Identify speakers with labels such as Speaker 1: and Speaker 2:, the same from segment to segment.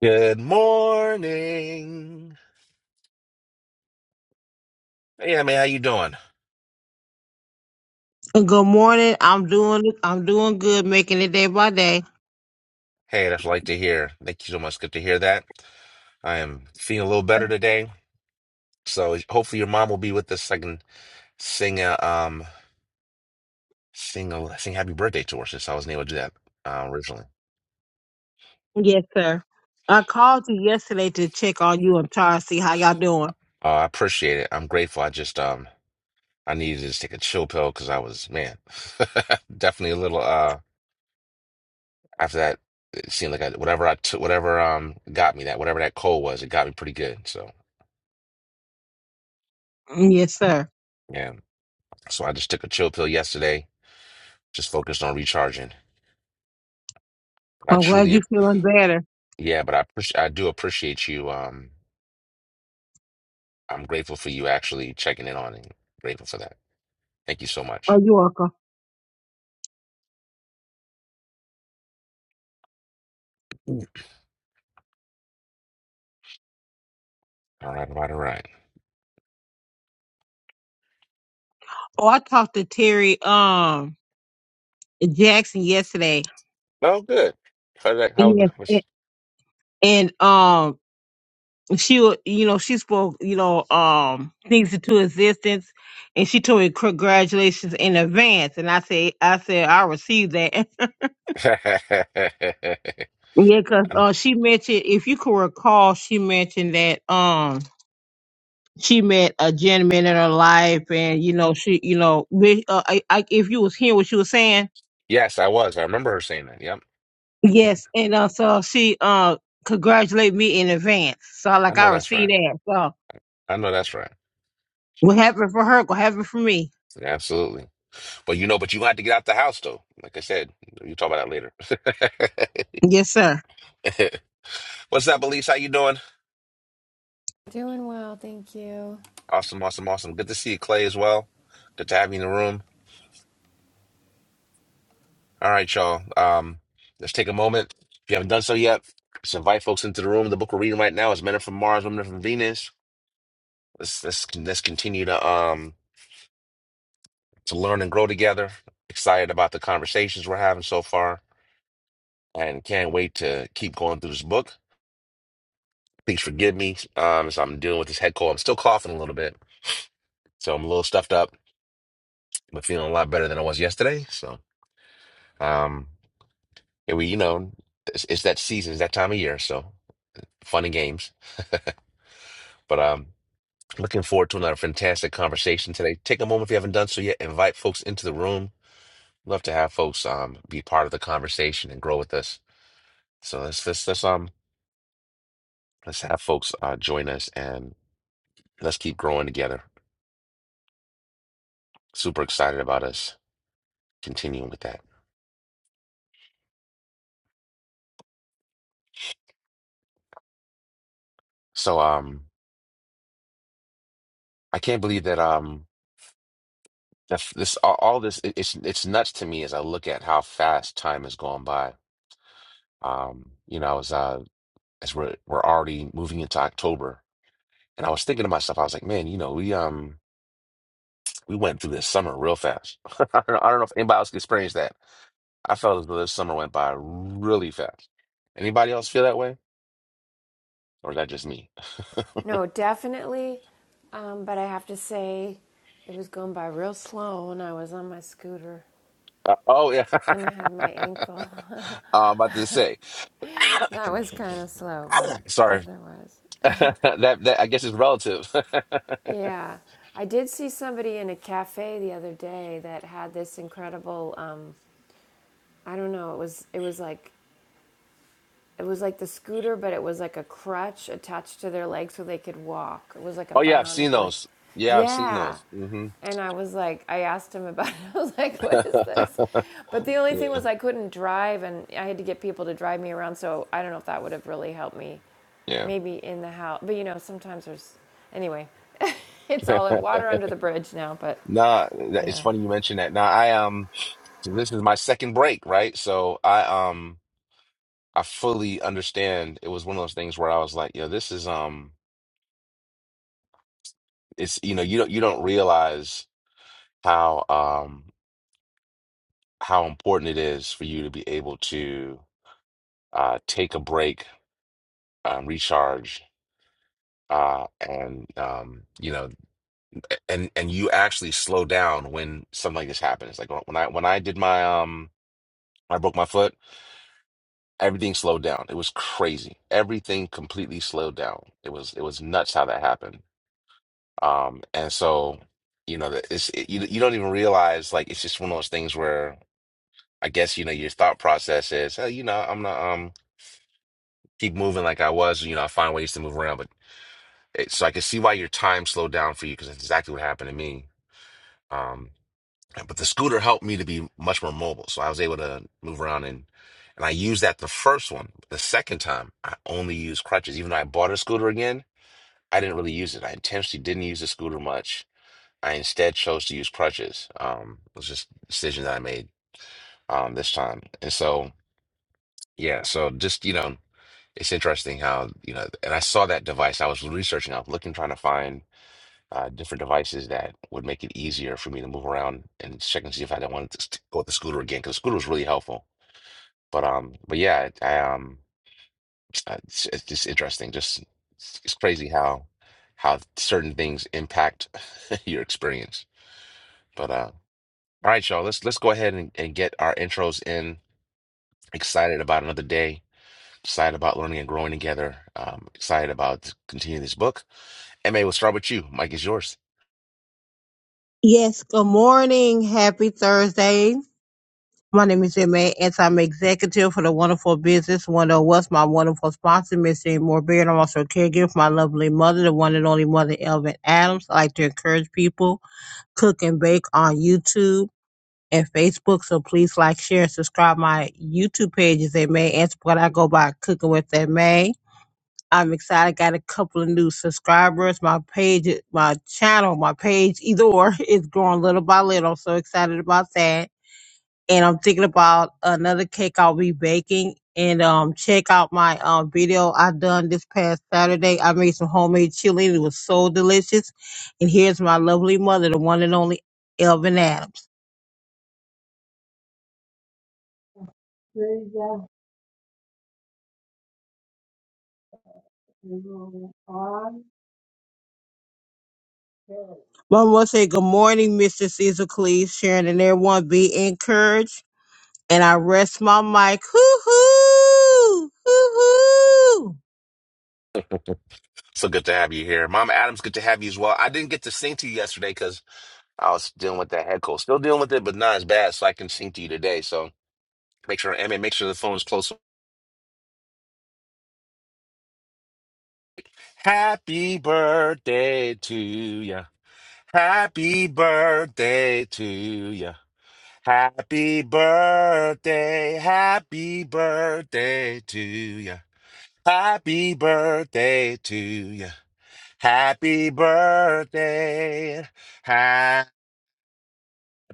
Speaker 1: Good morning. Hey, I how you doing?
Speaker 2: Good morning. I'm doing I'm doing good, making it day by day.
Speaker 1: Hey, that's what I like to hear. Thank you so much. Good to hear that. I am feeling a little better today. So hopefully your mom will be with us. I can sing a um sing a sing happy birthday to her since I wasn't able to do that uh, originally.
Speaker 2: Yes, sir. I called you yesterday to check on you. I'm trying to see how y'all doing.
Speaker 1: Uh, I appreciate it. I'm grateful. I just um I needed to just take a chill pill because I was man definitely a little uh after that it seemed like I, whatever I took whatever um got me that whatever that cold was it got me pretty good. So
Speaker 2: Mm, Yes, sir.
Speaker 1: yeah. So I just took a chill pill yesterday, just focused on recharging. But I
Speaker 2: I'm glad
Speaker 1: truly,
Speaker 2: you feeling better.
Speaker 1: yeah, but I appreci- I do appreciate you. Um, I'm grateful for you actually checking in on it. Grateful for that. Thank you so much.
Speaker 2: Oh, you welcome.
Speaker 1: All right, all right, all right.
Speaker 2: Oh, I talked to Terry um Jackson yesterday.
Speaker 1: Oh, good. How did I, how was
Speaker 2: Yes. a- And um she wa- you know, she spoke, you know, um things into existence and she told me congratulations in advance. And I said I said I received that.
Speaker 1: the conversation?
Speaker 2: Yeah, cause
Speaker 1: Um,
Speaker 2: uh, she mentioned, if you can recall, she mentioned that um she met a gentleman in her life, and you know she, you know, we- uh, I, I, if you was hearing what she was saying,
Speaker 1: yes, I was. I remember her saying that. Yep.
Speaker 2: yes, and uh, so she uh congratulated me in advance. So
Speaker 1: I
Speaker 2: like
Speaker 1: know
Speaker 2: I
Speaker 1: that's right.
Speaker 2: received that. So
Speaker 1: I know that's right.
Speaker 2: what happened for her? What happened for me?
Speaker 1: Yeah, absolutely. But you know, but you gonna have to get out the house though. Like I said, you talk about that
Speaker 2: Yes, sir.
Speaker 1: later. What's up, Elise? How you doing?
Speaker 3: Doing well, thank you.
Speaker 1: Awesome, awesome, awesome. Good to see you, Clay, as well. Good to have you in the room. All right, y'all. Um, let's take a moment. If you haven't done so yet, let's invite folks into the room. The book we're reading right now is Men Are From Mars, Women Are From Venus. Let's let's let's continue to um to learn and grow together. Excited about the conversations we're having so far, and can't wait to keep going through this book. Please forgive me um, as I'm dealing with this head cold. I'm still coughing a little bit, so I'm a little stuffed up, but feeling a lot better than I was yesterday. So. Um, Yeah, we, you know, it's, it's that season, it's that time of year, so fun and games. But um, looking forward to another fantastic conversation today. Take a moment if you haven't done so yet, invite folks into the room. Love to have folks um be part of the conversation and grow with us. So let's let's let's um let's have folks uh join us and let's keep growing together. Super excited about us continuing with that. So um, I can't believe that um that f- this all all this it- it's it's nuts to me as I look at how fast time has gone by Um, you know, I was uh as we're we're already moving into October, and I was thinking to myself, I was like, man, you know, we um we went through this summer real fast. I don't know, I don't know if anybody else experienced that. I felt as though this summer went by really fast. Anybody else feel that way? Or is that just me?
Speaker 3: No, definitely. Um, but I have to say, it was going by real slow when I was on my scooter
Speaker 1: Oh yeah.
Speaker 3: and I had my ankle.
Speaker 1: I'm about to say.
Speaker 3: That was kind of slow, but
Speaker 1: Sorry.
Speaker 3: otherwise.
Speaker 1: That that I guess is relative.
Speaker 3: Yeah. I did see somebody in a cafe the other day that had this incredible um, I don't know, it was it was like It was like the scooter, but it was like a crutch attached to their leg so they could walk. It was like a
Speaker 1: Oh yeah, I've seen
Speaker 3: bionic leg.
Speaker 1: those. Yeah, I've seen
Speaker 3: Yeah.
Speaker 1: those. hmm
Speaker 3: And I was like, I asked him about it. I was like, what is this? But the only thing
Speaker 1: Yeah.
Speaker 3: was I couldn't drive and I had to get people to drive me around. So I don't know if that would have really helped me.
Speaker 1: Yeah.
Speaker 3: Maybe in the house. But you know, sometimes there's. Anyway, it's all in water under the bridge now. But
Speaker 1: Nah, that- it's
Speaker 3: yeah.
Speaker 1: funny you mentioned that. Now I um so this is my second break, right? So I um I fully understand. It was one of those things where I was like, yo, this is um it's you know, you don't you don't realize how um how important it is for you to be able to uh take a break, um recharge uh and um you know and and you actually slow down when something like this happens. Like when I when I did my um I broke my foot everything slowed down. It was crazy. Everything completely slowed down. It was it was nuts how that happened. Um, and so you know that it's it, you you don't even realize like it's just one of those things where I guess you know your thought process is hey you know I'm gonna um keep moving like I was you know I find ways to move around but it, so I can see why your time slowed down for you because that's exactly what happened to me. Um, But the scooter helped me to be much more mobile. So I was able to move around and and I used that the first one. The second time, I only used crutches. Even though I bought a scooter again, I didn't really use it. I intentionally didn't use the scooter much. I instead chose to use crutches. Um, it was just a decision that I made um this time. And so yeah, so just you know, it's interesting how, you know, and I saw that device. I was researching, I was looking, trying to find uh, different devices that would make it easier for me to move around and check and see if I don't want to st- go with the scooter again because the scooter was really helpful. But um, but yeah, I I, um, uh, it's, it's just interesting. Just it's it's crazy how how certain things impact your experience. But uh, all right, y'all, let's let's go ahead and, and get our intros in. Excited about another day. Excited about learning and growing together. Um, excited about continuing this book. MA, we'll start with you. Mike is yours.
Speaker 2: Yes. Good morning. Happy Thursday. My name is Emma, and I'm executive for the Wonderful Business One of West. My wonderful sponsor, Miss Jane Moore Beard. I'm also a caregiver for my lovely mother, the one and only mother, Elvin Adams. I like to encourage people, cook and bake on YouTube and Facebook. So please like, share, and subscribe. My YouTube page is M.A. Answer, what I go by Cooking with M.A. I'm excited. Got a couple of new subscribers. My page, my channel, my page, either or, is growing little by little. So excited about that and I'm thinking about another cake I'll be baking. And um, check out my um video I done this past Saturday. I made some homemade chili and it was so delicious. And here's my lovely mother, the one and only Elvin Adams. Mama will say, Good morning, Mr. Cecil Cleese, Sharon, and everyone. Be encouraged. And I rest my mic. Hoo hoo! Hoo hoo!
Speaker 1: So good to have you here. Mama Adams, good to have you as well. I didn't get to sing to you yesterday because I was dealing with that head cold. Still dealing with it, but not as bad, so I can sing to you today. So make sure, Emma, make sure the phone is close. Happy birthday to you. Happy birthday to you. Happy birthday. Happy birthday to you. Happy birthday to you. Happy birthday.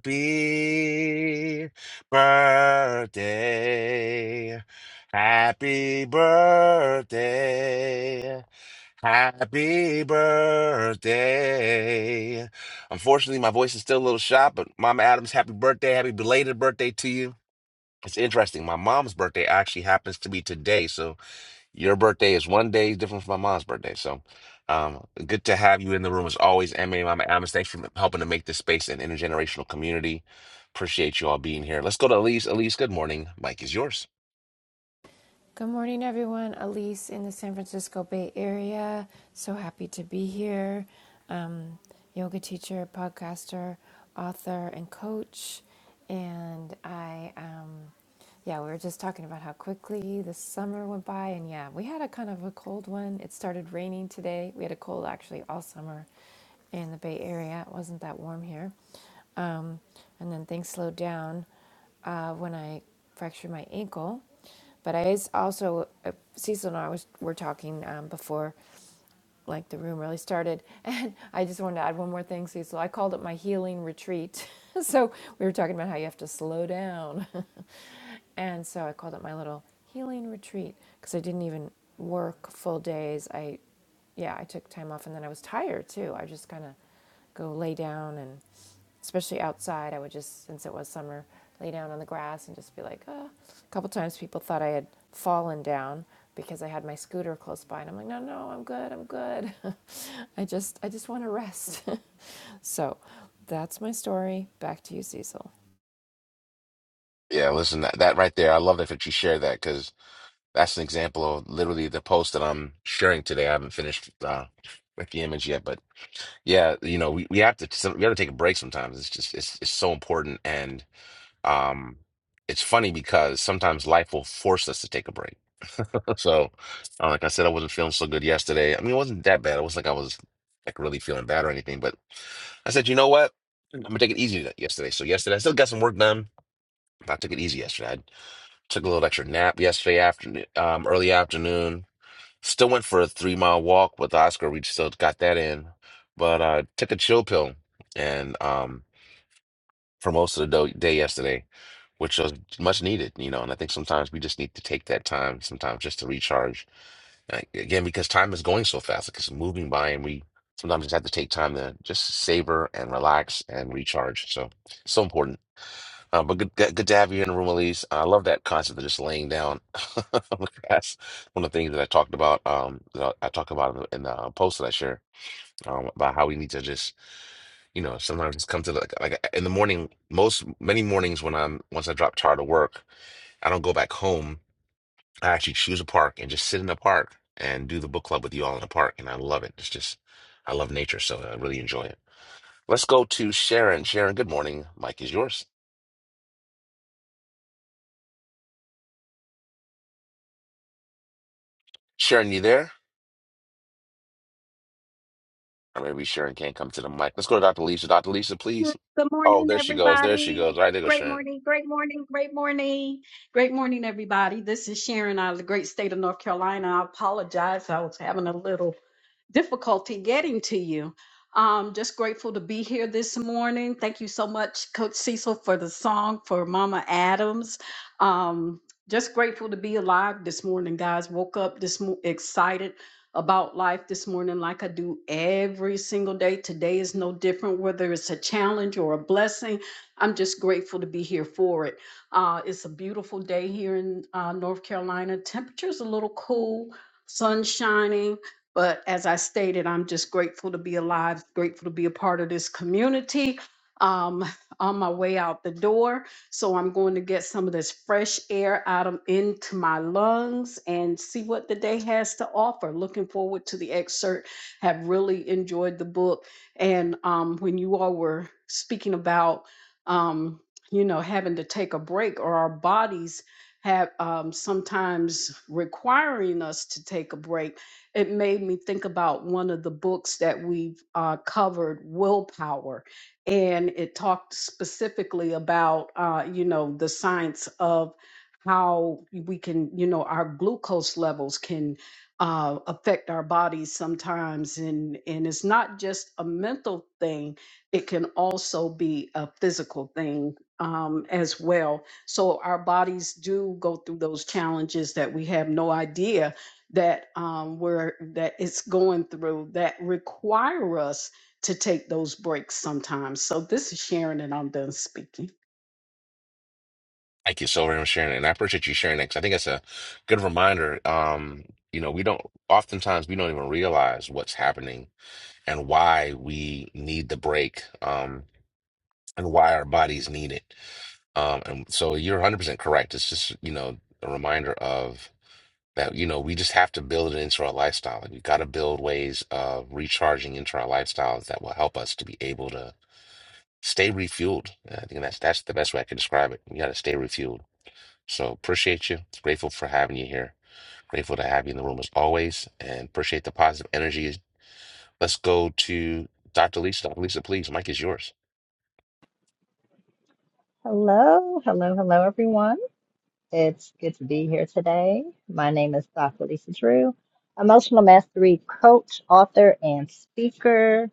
Speaker 1: Happy birthday. Happy birthday. Happy birthday. Unfortunately, my voice is still a little shot, but Mama Adams, happy birthday. Happy belated birthday to you. It's interesting. My mom's birthday actually happens to be today. So your birthday is one day different from my mom's birthday. So um, good to have you in the room as always, Emma. Mama Adams, thanks for helping to make this space an intergenerational community. Appreciate you all being here. Let's go to Elise. Elise, good morning. Mike is yours.
Speaker 3: Good morning, everyone. Elise in the San Francisco Bay Area. So happy to be here. Um, yoga teacher, podcaster, author, and coach. And I, um, yeah, we were just talking about how quickly the summer went by. And yeah, we had a kind of a cold one. It started raining today. We had a cold actually all summer in the Bay Area. It wasn't that warm here. Um, and then things slowed down uh, when I fractured my ankle. But I is also uh, Cecil and I was were talking um, before, like the room really started, and I just wanted to add one more thing, Cecil. I called it my healing retreat. so we were talking about how you have to slow down, and so I called it my little healing retreat because I didn't even work full days. I, yeah, I took time off, and then I was tired too. I just kind of go lay down and especially outside i would just since it was summer lay down on the grass and just be like ah. a couple times people thought i had fallen down because i had my scooter close by and i'm like no no i'm good i'm good i just i just want to rest so that's my story back to you cecil
Speaker 1: Yeah, listen, that, that right there, I love that. that you shared that because that's an example of literally the post that I'm sharing today. I haven't finished uh, with the image yet, but yeah, you know, we, we have to some- we have to take a break sometimes. It's just it's it's so important, and um, it's funny because sometimes life will force us to take a break So, uh, like I said, I wasn't feeling so good yesterday. I mean, it wasn't that bad. It was like I was like really feeling bad or anything. But I said, you know what? I'm gonna take it easy th- yesterday. So yesterday, I still got some work done. but I took it easy yesterday. I took a little extra nap yesterday afternoon, um, early afternoon. Still went for a three mile walk with Oscar. We still got that in, but uh, took a chill pill and um for most of the do- day yesterday, which was much needed, you know. And I think sometimes we just need to take that time sometimes just to recharge Right? Again, because time is going so fast, like it's moving by, and we sometimes just have to take time to just savor and relax and recharge. So, so important. Uh, but good, good good to have you in the room, Elise. Uh, I love that concept of just laying down on the grass. One of the things that I talked about, um, that I I talk about in the, in the post that I share. Um, about how we need to just, you know, sometimes just come to the, like like, in the morning. Most many mornings when I'm once I drop tired of work, I don't go back home I actually choose a park and just sit in the park and do the book club with you all in the park. And I love it. It's just, I love nature. So I really enjoy it. Let's go to Sharon. Sharon, good morning. Mike is yours. Sharon, you there? Or maybe Sharon can't come to the mic. Let's go to Dr. Lisa. Dr. Lisa, please.
Speaker 4: Good
Speaker 1: Oh,
Speaker 4: morning,
Speaker 1: there she goes. There she goes.
Speaker 4: everybody.
Speaker 1: All right, there goes
Speaker 4: Great
Speaker 1: Sharon.
Speaker 4: morning, great morning, great morning, great morning, everybody. This is Sharon out of the great state of North Carolina. I apologize. I was having a little difficulty getting to you. Um, just grateful to be here this morning. Thank you so much, Coach Cecil, for the song for Mama Adams. Um, just grateful to be alive this morning, guys. Woke up this mo- excited about life this morning, like I do every single day. Today is no different, whether it's a challenge or a blessing. I'm just grateful to be here for it. Uh, it's a beautiful day here in uh, North Carolina. Temperature's a little cool, sun shining but as I stated, I'm just grateful to be alive, grateful to be a part of this community. Um, on my way out the door, so I'm going to get some of this fresh air out of into my lungs and see what the day has to offer. Looking forward to the excerpt. Have really enjoyed the book, and um, when you all were speaking about, um, you know, having to take a break or our bodies have um, sometimes requiring us to take a break it made me think about one of the books that we've uh, covered, Willpower, and it talked specifically about, uh, you know, the science of how we can, you know, our glucose levels can uh, affect our bodies sometimes, and and it's not just a mental thing; it can also be a physical thing um, as well. So our bodies do go through those challenges that we have no idea that um, we're that it's going through that require us to take those breaks sometimes. So this is Sharon, and I'm done speaking.
Speaker 1: Thank you so very much, Sharon. And I appreciate you sharing that because I think it's a good reminder. Um, you know, we don't, oftentimes we don't even realize what's happening and why we need the break um, and why our bodies need it Um, and so you're 100% correct. It's just, you know, a reminder of that, you know, we just have to build it into our lifestyle. Like we got to build ways of recharging into our lifestyles that will help us to be able to stay refueled. I think that's that's the best way I can describe it. You got to stay refueled. So appreciate you. Grateful for having you here. Grateful to have you in the room as always, and appreciate the positive energy. Let's go to Dr. Lisa. Dr. Lisa, please, Mike is yours.
Speaker 5: Hello, hello, hello, everyone. It's good to be here today. My name is Dr. Lisa Drew, emotional mastery coach, author, and speaker.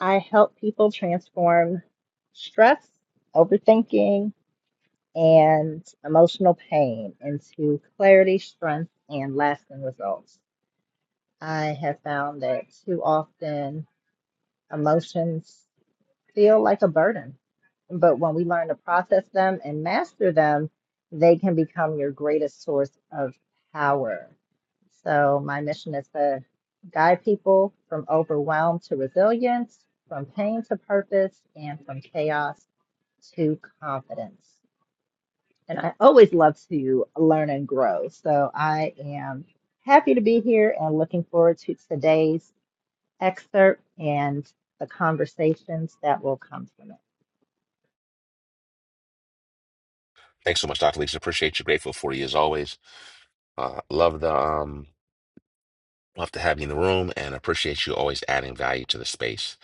Speaker 5: I help people transform stress, overthinking, and emotional pain into clarity, strength, and lasting results. I have found that too often emotions feel like a burden. But when we learn to process them and master them, they can become your greatest source of power. So, my mission is to guide people from overwhelm to resilience, from pain to purpose, and from chaos to confidence. And I always love to learn and grow. So, I am happy to be here and looking forward to today's excerpt and the conversations that will come from it.
Speaker 1: Thanks so much, Dr. Lisa. Appreciate you. Grateful for you as always. Uh, love the um, love to have you in the room, and appreciate you always adding value to the space.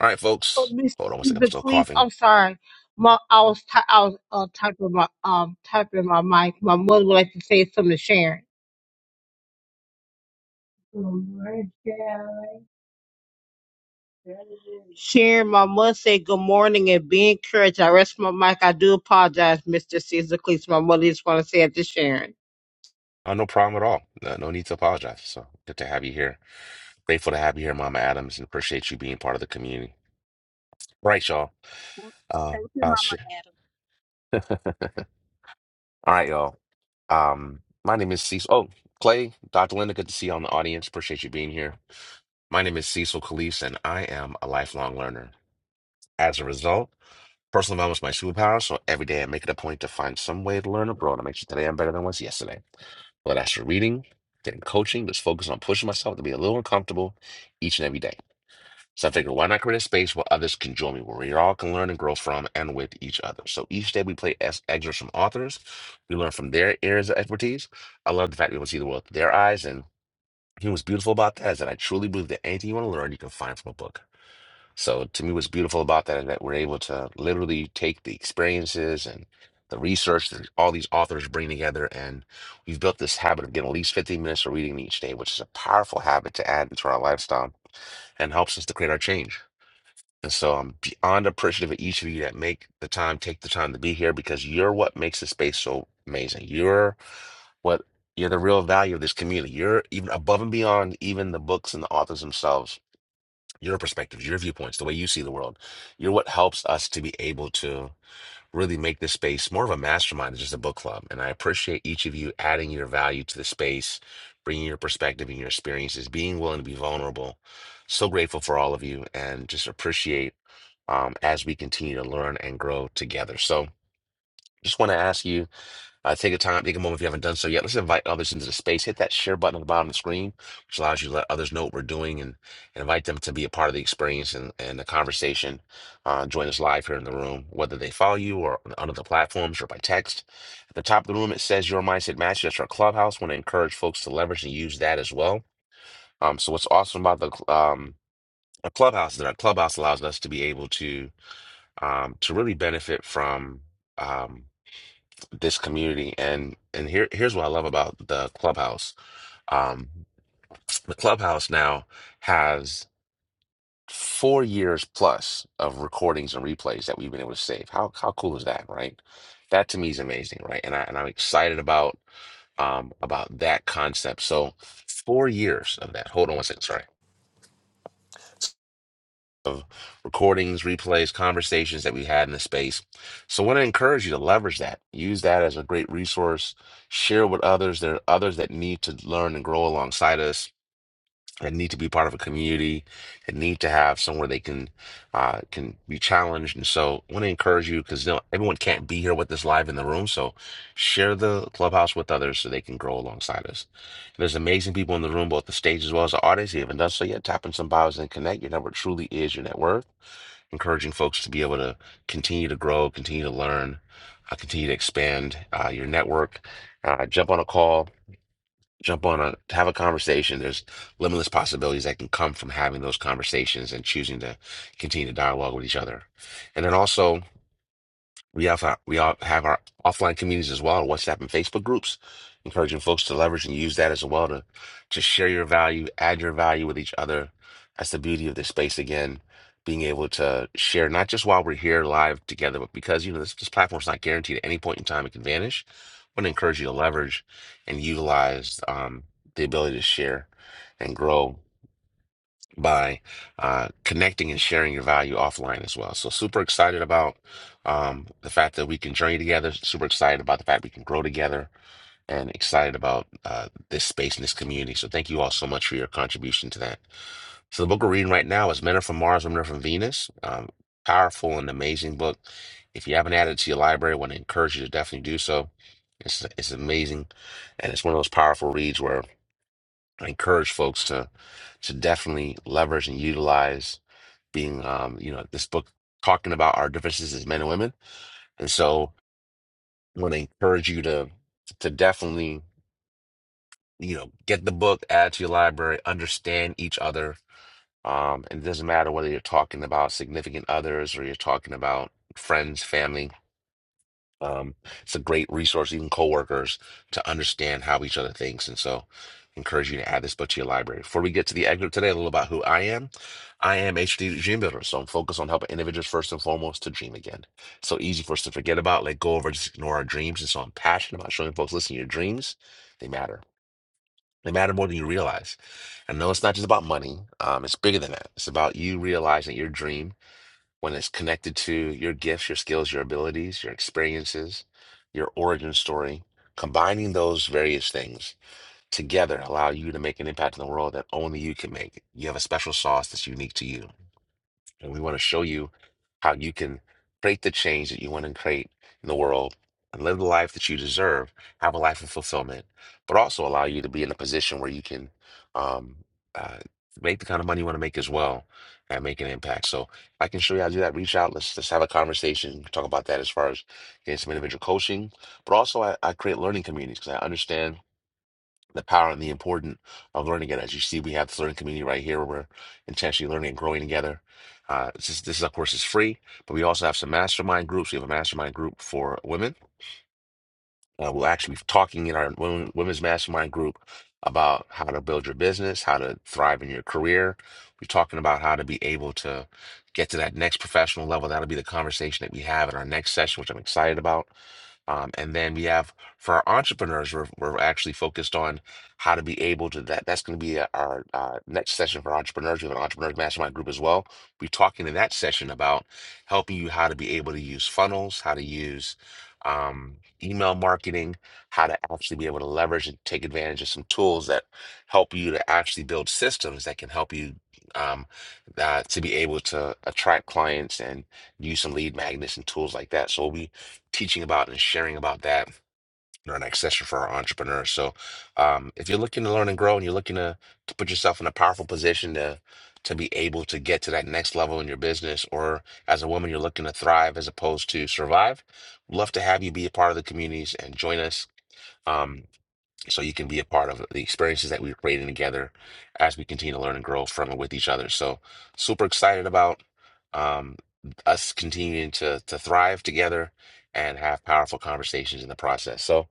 Speaker 1: All right,
Speaker 2: Oh,
Speaker 1: folks.
Speaker 2: Mr.
Speaker 1: Hold on one second. I'm still
Speaker 2: Bequeath,
Speaker 1: coughing.
Speaker 2: I'm sorry. My, I was ty- I was uh, typing my um typing my mic. My mother would like to say something to Sharon. Good morning, Sharon, Sharon, my mother said good morning and be encouraged. I rest my mic. I do apologize, Mr. Caesar Cleese. My mother just want to say it to Sharon.
Speaker 1: Oh, no problem at all. No, no need to apologize. So good to have you here. Grateful to have you here, Mama Adams, and appreciate you being part of the community. All right, y'all. Uh,
Speaker 4: Thank you,
Speaker 1: uh,
Speaker 4: Mama
Speaker 1: shit.
Speaker 4: Adam.
Speaker 1: All right, y'all. Um, my name is Cecil. Oh, Clay, Dr. Linda, good to see you on the audience. Appreciate you being here. My name is Cecil Calise, and I am a lifelong learner. As a result, personal development is my superpower, so every day I make it a point to find some way to learn abroad and make sure today I'm better than I was yesterday. Whether that's through reading, getting coaching, just focus on pushing myself to be a little uncomfortable each and every day. So I figured, why not create a space where others can join me, where we all can learn and grow from and with each other. So each day we play ex- excerpts from authors. We learn from their areas of expertise. I love the fact that we can see the world through their eyes. And you know what's beautiful about that is that I truly believe that anything you want to learn, you can find from a book. So to me, what's beautiful about that is that we're able to literally take the experiences and the research that all these authors bring together, and we've built this habit of getting at least 15 minutes of reading each day, which is a powerful habit to add into our lifestyle and helps us to create our change. And so I'm beyond appreciative of each of you that make the time, take the time to be here because you're what makes this space so amazing. You're what you're the real value of this community. You're even above and beyond even the books and the authors themselves your perspectives, your viewpoints, the way you see the world. You're what helps us to be able to really make this space more of a mastermind than just a book club. And I appreciate each of you adding your value to the space, bringing your perspective and your experiences, being willing to be vulnerable. So grateful for all of you and just appreciate um, as we continue to learn and grow together. So just want to ask you uh, take a time, take a moment if you haven't done so yet. Let's invite others into the space. Hit that share button at the bottom of the screen, which allows you to let others know what we're doing and, and invite them to be a part of the experience and, and the conversation. Uh, join us live here in the room, whether they follow you or on on other platforms or by text. At the top of the room, it says Your Mindset Match. That's our clubhouse. want to encourage folks to leverage and use that as well. Um, so what's awesome about the cl- um, a clubhouse is that our clubhouse allows us to be able to um, to really benefit from. Um, this community and and here here's what I love about the clubhouse. Um the clubhouse now has four years plus of recordings and replays that we've been able to save. How how cool is that, right? That to me is amazing, right? And I and I'm excited about um about that concept. So four years of that. Hold on one second, recordings, replays, conversations that we had in the space. So I want to encourage you to leverage that. Use that as a great resource. Share with others. There are others that need to learn and grow alongside us, that need to be part of a community, that need to have somewhere they can uh, can be challenged. And so I want to encourage you because you know, everyone can't be here with us live in the room. So share the clubhouse with others so they can grow alongside us. There's amazing people in the room, both the stage as well as the audience. If you haven't done so yet, tap in some bios and connect. Your network truly is your net worth encouraging folks to be able to continue to grow, continue to learn, uh, continue to expand uh, your network. Uh, jump on a call, jump on a have a conversation. There's limitless possibilities that can come from having those conversations and choosing to continue to dialogue with each other. And then also we have our, we all have our offline communities as well, WhatsApp and Facebook groups, encouraging folks to leverage and use that as well to to share your value, add your value with each other. That's the beauty of this space again, being able to share not just while we're here live together, but because you know this, this platform's not guaranteed at any point in time it can vanish. I want to encourage you to leverage and utilize um, the ability to share and grow by uh, connecting and sharing your value offline as well. So super excited about um, the fact that we can journey together. Super excited about the fact we can grow together, and excited about uh, this space and this community. So thank you all so much for your contribution to that. So the book we're reading right now is Men Are From Mars, Women Are From Venus. Um, powerful and amazing book. If you haven't added it to your library, I want to encourage you to definitely do so. It's it's amazing, and it's one of those powerful reads where. I encourage folks to to definitely leverage and utilize being um you know this book talking about our differences as men and women and so I want to encourage you to to definitely you know get the book add to your library understand each other um and it doesn't matter whether you're talking about significant others or you're talking about friends family Um, it's a great resource, even coworkers, to understand how each other thinks. And so, encourage you to add this book to your library. Before we get to the excerpt today, a little about who I am. I am HD Dream Builder, so I'm focused on helping individuals first and foremost to dream again. So easy for us to forget about, let go of, or just ignore our dreams. And so, I'm passionate about showing folks, listen, your dreams, they matter. They matter more than you realize. And no, it's not just about money. Um, it's bigger than that. It's about you realizing your dream when it's connected to your gifts, your skills, your abilities, your experiences, your origin story, combining those various things together allow you to make an impact in the world that only you can make. You have a special sauce that's unique to you. And we want to show you how you can create the change that you want to create in the world and live the life that you deserve, have a life of fulfillment, but also allow you to be in a position where you can um, uh, make the kind of money you want to make as well and make an impact. So I can show you how to do that. Reach out. Let's let's have a conversation. Talk about that as far as getting some individual coaching, but also I, I create learning communities because I understand the power and the importance of learning it. As you see, we have this learning community right here where we're intentionally learning and growing together. Uh, this, is, this, of course, is free, but we also have some mastermind groups. We have a mastermind group for women uh, we're actually be talking in our women, women's mastermind group about how to build your business, how to thrive in your career. We're talking about how to be able to get to that next professional level. That'll be the conversation that we have in our next session, which I'm excited about. Um, and then we have for our entrepreneurs, we're, we're actually focused on how to be able to that. That's going to be our uh, next session for entrepreneurs. We have an entrepreneurs mastermind group as well. We're talking in that session about helping you how to be able to use funnels, how to use um, email marketing, how to actually be able to leverage and take advantage of some tools that help you to actually build systems that can help you um, uh, to be able to attract clients and use some lead magnets and tools like that. So we'll be teaching about and sharing about that our next session for our entrepreneurs. So, um, if you're looking to learn and grow, and you're looking to, to put yourself in a powerful position to to be able to get to that next level in your business, or as a woman, you're looking to thrive as opposed to survive, we'd love to have you be a part of the communities and join us. Um, so you can be a part of the experiences that we're creating together as we continue to learn and grow from and with each other. So super excited about um, us continuing to to thrive together and have powerful conversations in the process. So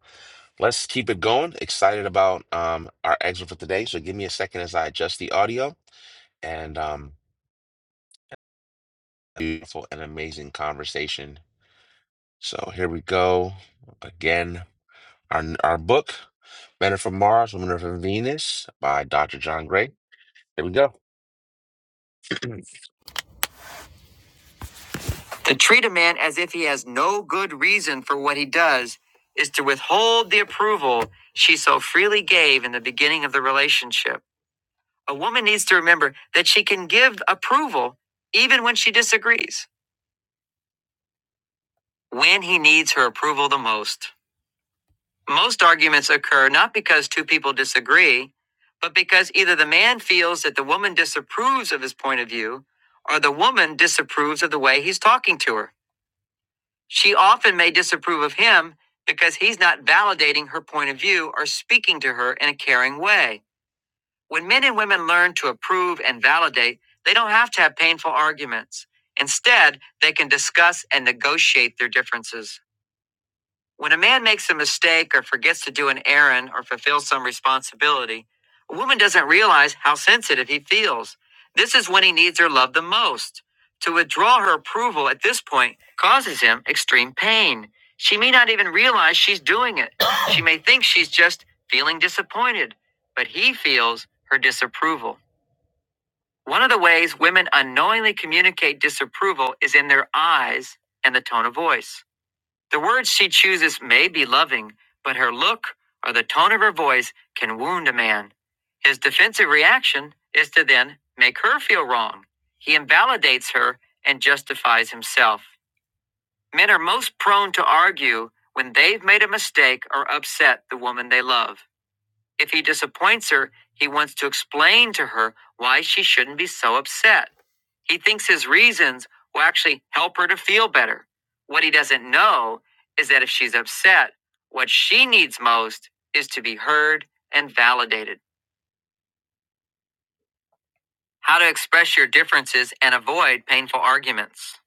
Speaker 1: Let's keep it going. Excited about um, our exit for today. So give me a second as I adjust the audio and um, beautiful and amazing conversation. So here we go again. Our our book, Men Are from Mars, Women Are from Venus, by Dr. John Gray. Here we go. To treat a man as if he has no good reason for what he does is to withhold the approval she so freely gave in the beginning of the relationship. A woman needs to remember that she can give approval even when she disagrees, when he needs her approval the most. Most arguments occur not because two people disagree, but because either the man feels that the woman disapproves of his point of view or the woman disapproves of the way he's talking to her. She often may disapprove of him because he's not validating her point of view or speaking to her in a caring way. When men and women learn to approve and validate, they don't have to have painful arguments. Instead, they can discuss and negotiate their differences. When a man makes a mistake or forgets to do an errand or fulfill some responsibility, a woman doesn't realize how sensitive he feels. This is when he needs her love the most. To withdraw her approval at this point causes him extreme pain. She may not even realize she's doing it. She may think she's just feeling disappointed, but he feels her disapproval. One of the ways women unknowingly communicate disapproval is in their eyes and the tone of voice. The words she chooses may be loving, but her look or the tone of her voice can wound a man. His defensive reaction is to then make her feel wrong. He invalidates her and justifies himself. Men are most prone to argue when they've made a mistake or upset the woman they love. If he disappoints her, he wants to explain to her why she shouldn't be so upset. He thinks his reasons will actually help her to feel better. What he doesn't know is that if she's upset, what she needs most is to be heard and validated. How to express your differences and avoid painful arguments.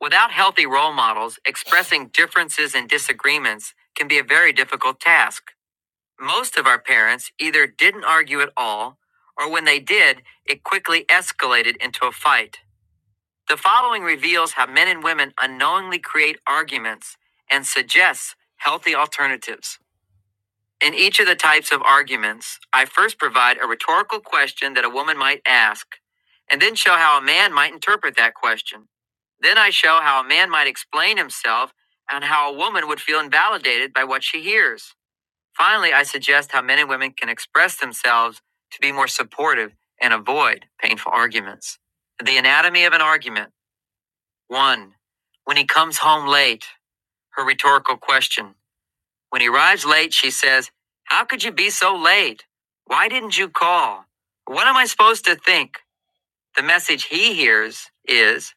Speaker 1: Without healthy role models, expressing differences and disagreements can be a very difficult task. Most of our parents either didn't argue at all, or when they did, it quickly escalated into a fight. The following reveals how men and women unknowingly create arguments and suggests healthy alternatives. In each of the types of arguments, I first provide a rhetorical question that a woman might ask, and then show how a man might interpret that question. Then I show how a man might explain himself and how a woman would feel invalidated by what she hears. Finally, I suggest how men and women can express themselves to be more supportive and avoid painful arguments. The anatomy of an argument. 1. When he comes home late, her rhetorical question. When he arrives late, she says, How could you be so late? Why didn't you call? What am I supposed to think? The message he hears is,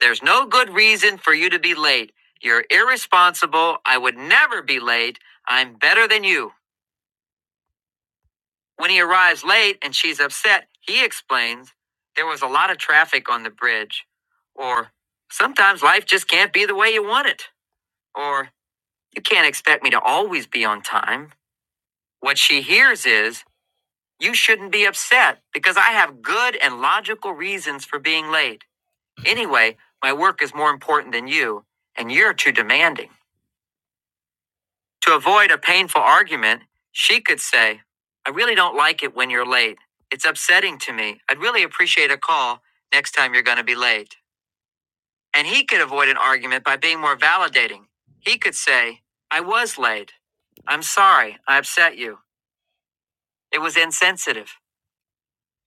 Speaker 1: There's no good reason for you to be late. You're irresponsible. I would never be late. I'm better than you. When he arrives late and she's upset, he explains, There was a lot of traffic on the bridge. Or, Sometimes life just can't be the way you want it. Or, You can't expect me to always be on time. What she hears is, You shouldn't be upset because I have good and logical reasons for being late. Anyway, my work is more important than you, and you're too demanding. To avoid a painful argument, she could say, I really don't like it when you're late. It's upsetting to me. I'd really appreciate a call next time you're going to be late. And he could avoid an argument by being more validating. He could say, I was late. I'm sorry, I upset you. It was insensitive.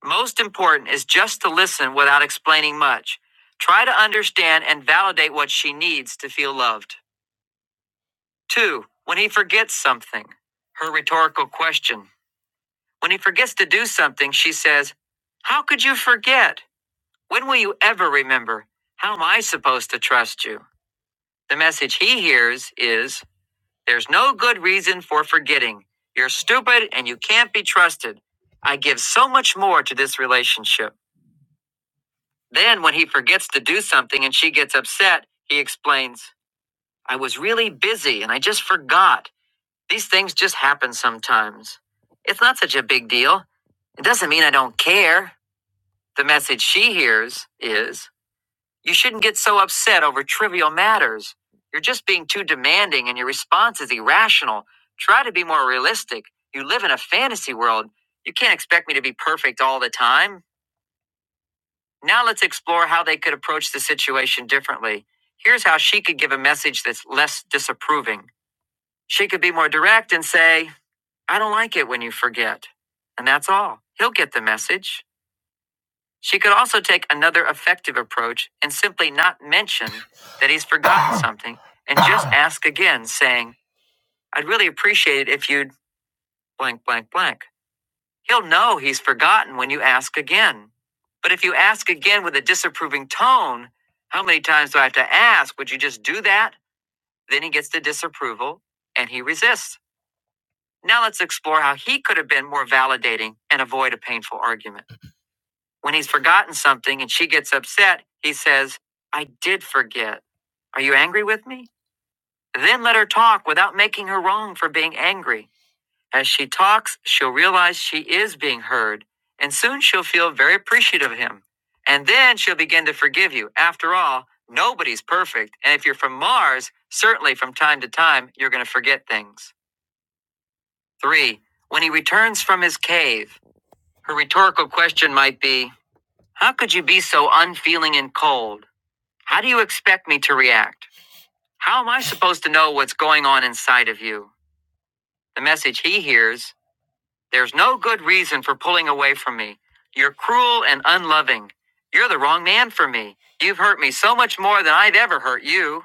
Speaker 1: Most important is just to listen without explaining much. Try to understand and validate what she needs to feel loved. Two, when he forgets something, her rhetorical question. When he forgets to do something, she says, How could you forget? When will you ever remember? How am I supposed to trust you? The message he hears is, There's no good reason for forgetting. You're stupid and you can't be trusted. I give so much more to this relationship. Then, when he forgets to do something and she gets upset, he explains, I was really busy and I just forgot. These things just happen sometimes. It's not such a big deal. It doesn't mean I don't care. The message she hears is, You shouldn't get so upset over trivial matters. You're just being too demanding and your response is irrational. Try to be more realistic. You live in a fantasy world. You can't expect me to be perfect all the time. Now let's explore how they could approach the situation differently. Here's how she could give a message that's less disapproving. She could be more direct and say, I don't like it when you forget. And that's all. He'll get the message. She could also take another effective approach and simply not mention that he's forgotten something and just ask again, saying, I'd really appreciate it if you'd blank, blank, blank. He'll know he's forgotten when you ask again. But if you ask again with a disapproving tone, how many times do I have to ask? Would you just do that? Then he gets the disapproval and he resists. Now let's explore how he could have been more validating and avoid a painful argument. When he's forgotten something and she gets upset, he says, I did forget. Are you angry with me? Then let her talk without making her wrong for being angry. As she talks, she'll realize she is being heard, and soon she'll feel very appreciative of him. And then she'll begin to forgive you. After all, nobody's perfect, and if you're from Mars, certainly from time to time, you're going to forget things. Three, when he returns from his cave, her rhetorical question might be How could you be so unfeeling and cold? How do you expect me to react? How am I supposed to know what's going on inside of you? The message he hears There's no good reason for pulling away from me. You're cruel and unloving. You're the wrong man for me. You've hurt me so much more than I'd ever hurt you.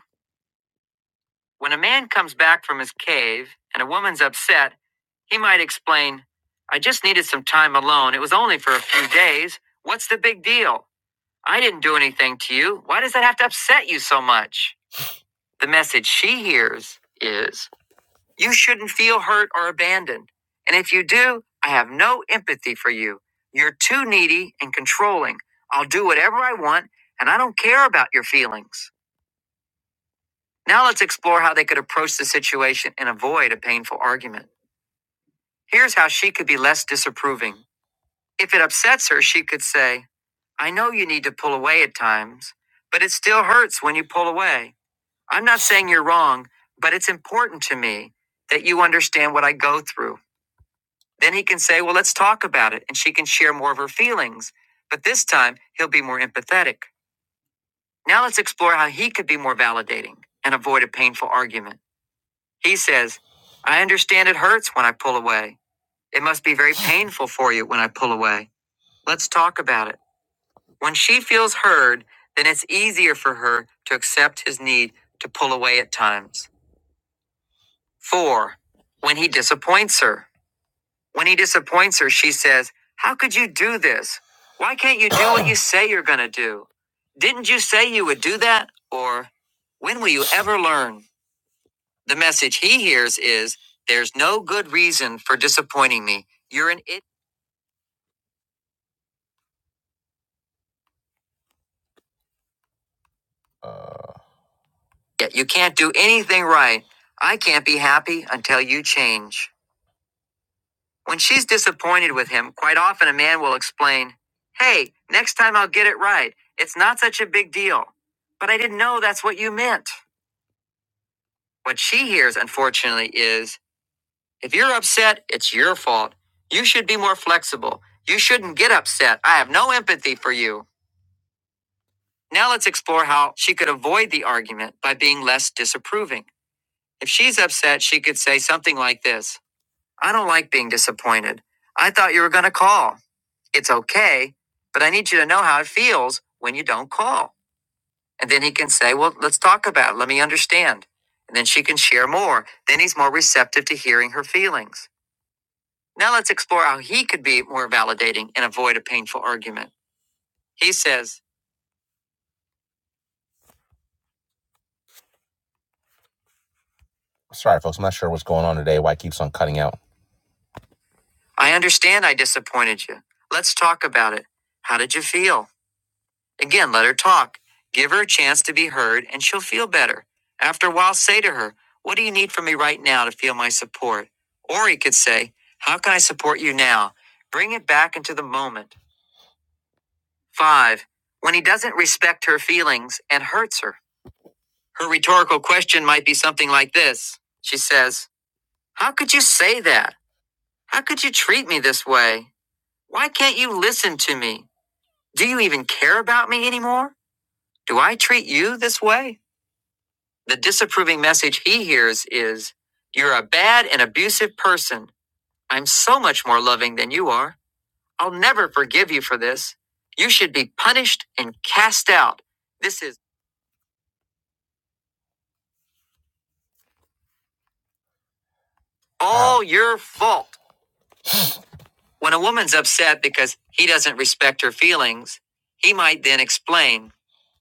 Speaker 1: When a man comes back from his cave and a woman's upset, he might explain, I just needed some time alone. It was only for a few days. What's the big deal? I didn't do anything to you. Why does that have to upset you so much? The message she hears is, you shouldn't feel hurt or abandoned. And if you do, I have no empathy for you. You're too needy and controlling. I'll do whatever I want, and I don't care about your feelings. Now let's explore how they could approach the situation and avoid a painful argument. Here's how she could be less disapproving. If it upsets her, she could say, I know you need to pull away at times, but it still hurts when you pull away. I'm not saying you're wrong, but it's important to me that you understand what I go through. Then he can say, Well, let's talk about it, and she can share more of her feelings. But this time, he'll be more empathetic. Now let's explore how he could be more validating and avoid a painful argument. He says, I understand it hurts when I pull away. It must be very painful for you when I pull away. Let's talk about it. When she feels heard, then it's easier for her to accept his need to pull away at times. Four, when he disappoints her. When he disappoints her, she says, How could you do this? Why can't you do what you say you're going to do? Didn't you say you would do that? Or, When will you ever learn? The message he hears is, There's no good reason for disappointing me. You're an idiot. Yeah, You can't do anything right. I can't be happy until you change. When she's disappointed with him, quite often a man will explain, Hey, next time I'll get it right. It's not such a big deal. But I didn't know that's what you meant. What she hears, unfortunately, is if you're upset, it's your fault. You should be more flexible. You shouldn't get upset. I have no empathy for you. Now let's explore how she could avoid the argument by being less disapproving. If she's upset, she could say something like this I don't like being disappointed. I thought you were going to call. It's okay, but I need you to know how it feels when you don't call. And then he can say, Well, let's talk about it. Let me understand. And then she can share more. Then he's more receptive to hearing her feelings. Now let's explore how he could be more validating and avoid a painful argument. He says, Sorry, folks, I'm not sure what's going on today, why it keeps on cutting out. I understand I disappointed you. Let's talk about it. How did you feel? Again, let her talk. Give her a chance to be heard, and she'll feel better. After a while, say to her, What do you need from me right now to feel my support? Or he could say, How can I support you now? Bring it back into the moment. Five, when he doesn't respect her feelings and hurts her. Her rhetorical question might be something like this She says, How could you say that? How could you treat me this way? Why can't you listen to me? Do you even care about me anymore? Do I treat you this way? The disapproving message he hears is, You're a bad and abusive person. I'm so much more loving than you are. I'll never forgive you for this. You should be punished and cast out. This is all your fault. When a woman's upset because he doesn't respect her feelings, he might then explain,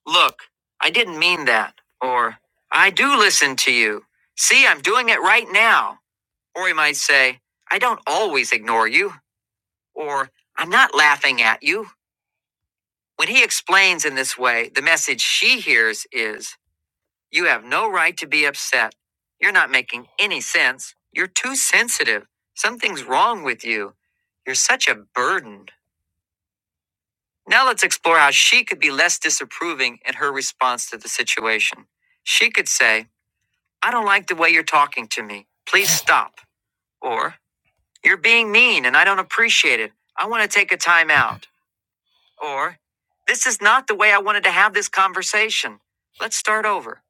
Speaker 1: Look, I didn't mean that. Or, I do listen to you. See, I'm doing it right now. Or he might say, I don't always ignore you. Or, I'm not laughing at you. When he explains in this way, the message she hears is, You have no right to be upset. You're not making any sense. You're too sensitive. Something's wrong with you. You're such a burden. Now let's explore how she could be less disapproving in her response to the situation. She could say, I don't like the way you're talking to me. Please stop. Or, You're being mean and I don't appreciate it. I want to take a time out. Or, This is not the way I wanted to have this conversation. Let's start over.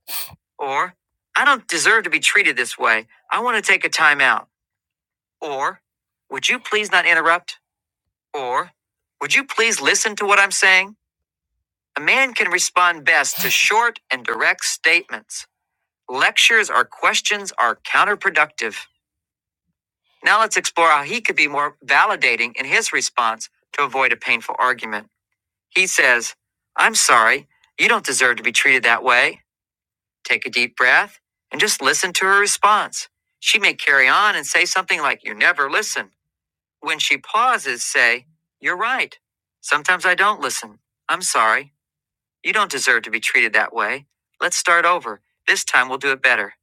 Speaker 1: Or, I don't deserve to be treated this way. I want to take a time out. Or, Would you please not interrupt? Or, Would you please listen to what I'm saying? A man can respond best to short and direct statements. Lectures or questions are counterproductive. Now let's explore how he could be more validating in his response to avoid a painful argument. He says, I'm sorry, you don't deserve to be treated that way. Take a deep breath and just listen to her response. She may carry on and say something like, You never listen. When she pauses, say, You're right. Sometimes I don't listen. I'm sorry. You don't deserve to be treated that way. Let's start over. This time we'll do it better.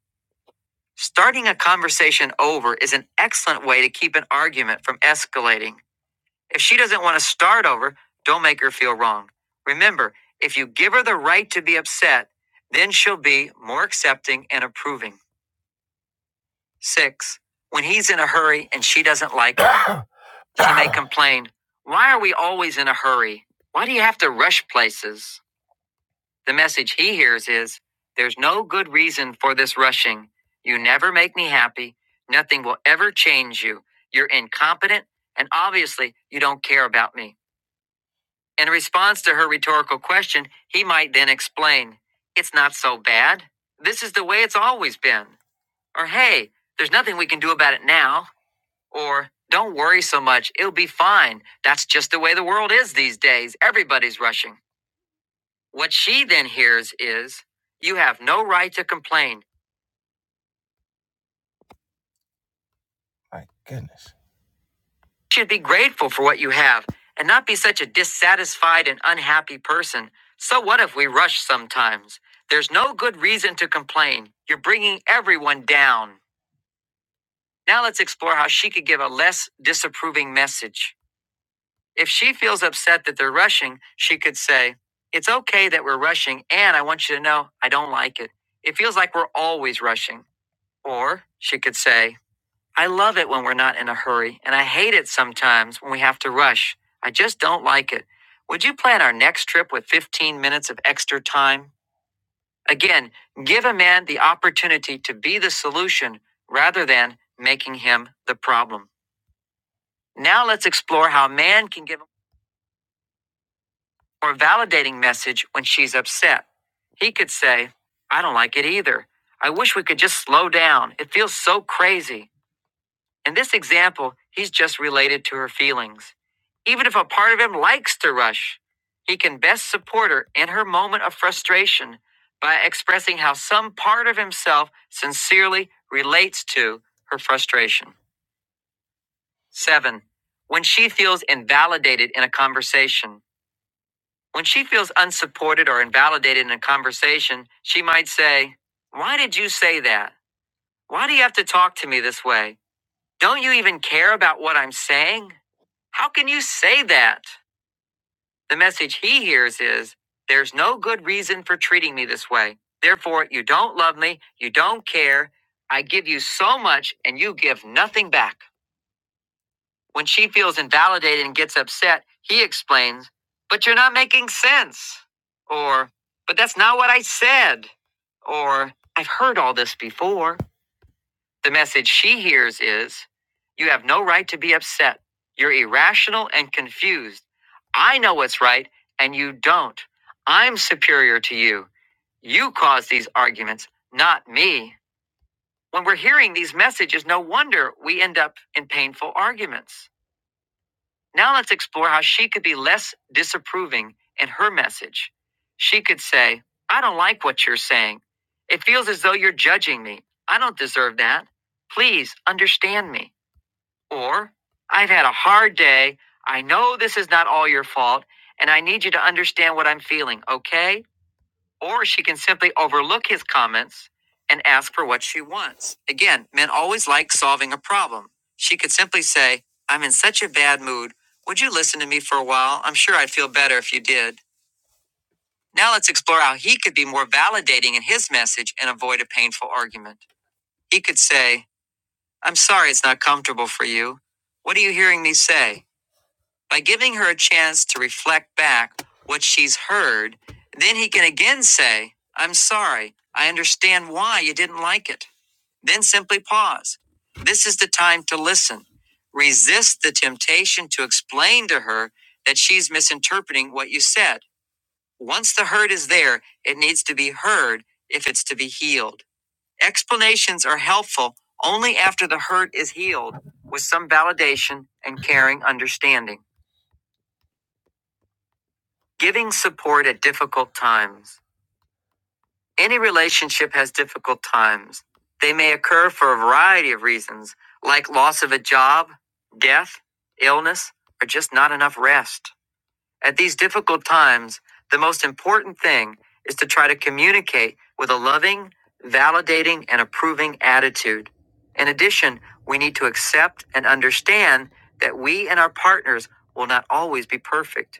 Speaker 1: Starting a conversation over is an excellent way to keep an argument from escalating. If she doesn't want to start over, don't make her feel wrong. Remember, if you give her the right to be upset, then she'll be more accepting and approving. Six, when he's in a hurry and she doesn't like it, she may complain, Why are we always in a hurry? Why do you have to rush places? The message he hears is There's no good reason for this rushing. You never make me happy. Nothing will ever change you. You're incompetent, and obviously, you don't care about me. In response to her rhetorical question, he might then explain It's not so bad. This is the way it's always been. Or, Hey, there's nothing we can do about it now. Or, Don't worry so much. It'll be fine. That's just the way the world is these days. Everybody's rushing. What she then hears is, You have no right to complain. My goodness. You should be grateful for what you have and not be such a dissatisfied and unhappy person. So, what if we rush sometimes? There's no good reason to complain. You're bringing everyone down. Now, let's explore how she could give a less disapproving message. If she feels upset that they're rushing, she could say, It's okay that we're rushing, and I want you to know I don't like it. It feels like we're always rushing. Or she could say, I love it when we're not in a hurry, and I hate it sometimes when we have to rush. I just don't like it. Would you plan our next trip with 15 minutes of extra time? Again, give a man the opportunity to be the solution rather than making him the problem. Now let's explore how man can give a more validating message when she's upset. He could say, I don't like it either. I wish we could just slow down. It feels so crazy. In this example, he's just related to her feelings. Even if a part of him likes to rush, he can best support her in her moment of frustration by expressing how some part of himself sincerely relates to her frustration. Seven, when she feels invalidated in a conversation. When she feels unsupported or invalidated in a conversation, she might say, Why did you say that? Why do you have to talk to me this way? Don't you even care about what I'm saying? How can you say that? The message he hears is there's no good reason for treating me this way. Therefore, you don't love me, you don't care. I give you so much and you give nothing back. When she feels invalidated and gets upset, he explains, But you're not making sense. Or, But that's not what I said. Or, I've heard all this before. The message she hears is You have no right to be upset. You're irrational and confused. I know what's right, and you don't. I'm superior to you. You cause these arguments, not me. When we're hearing these messages, no wonder we end up in painful arguments. Now let's explore how she could be less disapproving in her message. She could say, I don't like what you're saying. It feels as though you're judging me. I don't deserve that. Please understand me. Or, I've had a hard day. I know this is not all your fault, and I need you to understand what I'm feeling, okay? Or she can simply overlook his comments and ask for what she wants. Again, men always like solving a problem. She could simply say, I'm in such a bad mood. Would you listen to me for a while? I'm sure I'd feel better if you did. Now let's explore how he could be more validating in his message and avoid a painful argument. He could say, I'm sorry it's not comfortable for you. What are you hearing me say? By giving her a chance to reflect back what she's heard, then he can again say, I'm sorry, I understand why you didn't like it. Then simply pause. This is the time to listen. Resist the temptation to explain to her that she's misinterpreting what you said. Once the hurt is there, it needs to be heard if it's to be healed. Explanations are helpful only after the hurt is healed with some validation and caring understanding. Giving support at difficult times. Any relationship has difficult times. They may occur for a variety of reasons, like loss of a job, death, illness, or just not enough rest. At these difficult times, the most important thing is to try to communicate with a loving, validating, and approving attitude. In addition, we need to accept and understand that we and our partners will not always be perfect.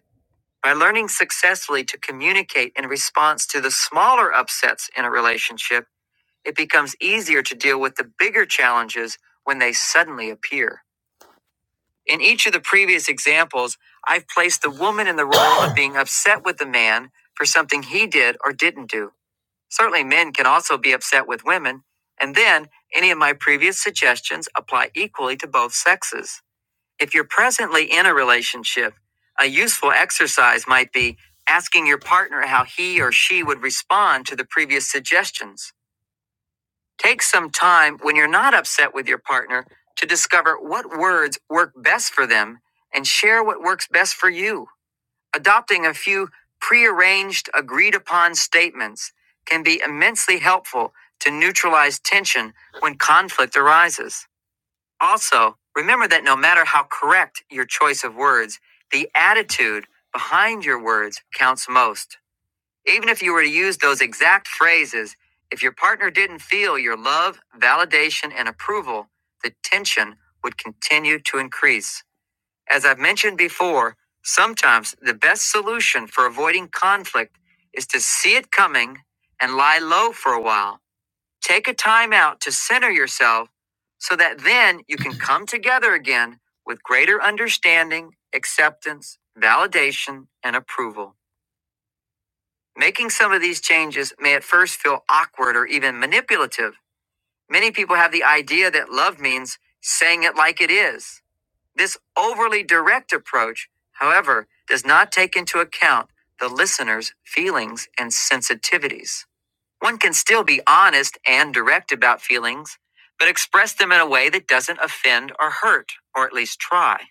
Speaker 1: By learning successfully to communicate in response to the smaller upsets in a relationship, it becomes easier to deal with the bigger challenges when they suddenly appear. In each of the previous examples, I've placed the woman in the role of being upset with the man for something he did or didn't do. Certainly, men can also be upset with women, and then any of my previous suggestions apply equally to both sexes. If you're presently in a relationship, a useful exercise might be asking your partner how he or she would respond to the previous suggestions. Take some time when you're not upset with your partner to discover what words work best for them and share what works best for you. Adopting a few prearranged, agreed upon statements can be immensely helpful to neutralize tension when conflict arises. Also, remember that no matter how correct your choice of words, the attitude behind your words counts most. Even if you were to use those exact phrases, if your partner didn't feel your love, validation, and approval, the tension would continue to increase. As I've mentioned before, sometimes the best solution for avoiding conflict is to see it coming and lie low for a while Take a time out to center yourself so that then you can come together again with greater understanding, acceptance, validation, and approval. Making some of these changes may at first feel awkward or even manipulative. Many people have the idea that love means saying it like it is. This overly direct approach, however, does not take into account the listener's feelings and sensitivities. One can still be honest and direct about feelings, but express them in a way that doesn't offend or hurt, or at least try.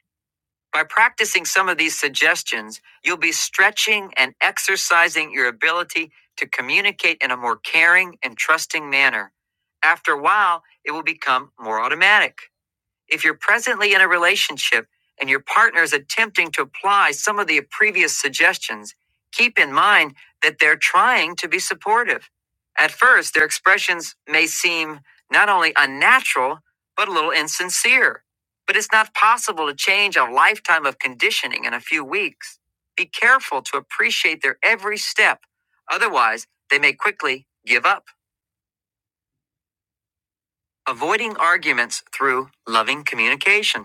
Speaker 1: By practicing some of these suggestions, you'll be stretching and exercising your ability to communicate in a more caring and trusting manner. After a while, it will become more automatic. If you're presently in a relationship and your partner is attempting to apply some of the previous suggestions, keep in mind that they're trying to be supportive. At first, their expressions may seem not only unnatural, but a little insincere. But it's not possible to change a lifetime of conditioning in a few weeks. Be careful to appreciate their every step, otherwise, they may quickly give up. Avoiding arguments through loving communication.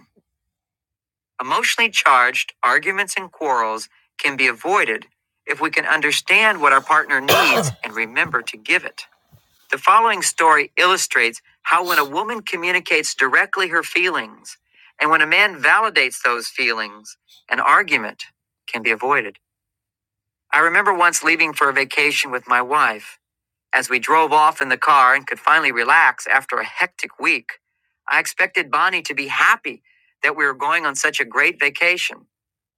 Speaker 1: Emotionally charged arguments and quarrels can be avoided if we can understand what our partner needs and remember to give it. The following story illustrates how when a woman communicates directly her feelings and when a man validates those feelings, an argument can be avoided. I remember once leaving for a vacation with my wife. As we drove off in the car and could finally relax after a hectic week, I expected Bonnie to be happy that we were going on such a great vacation.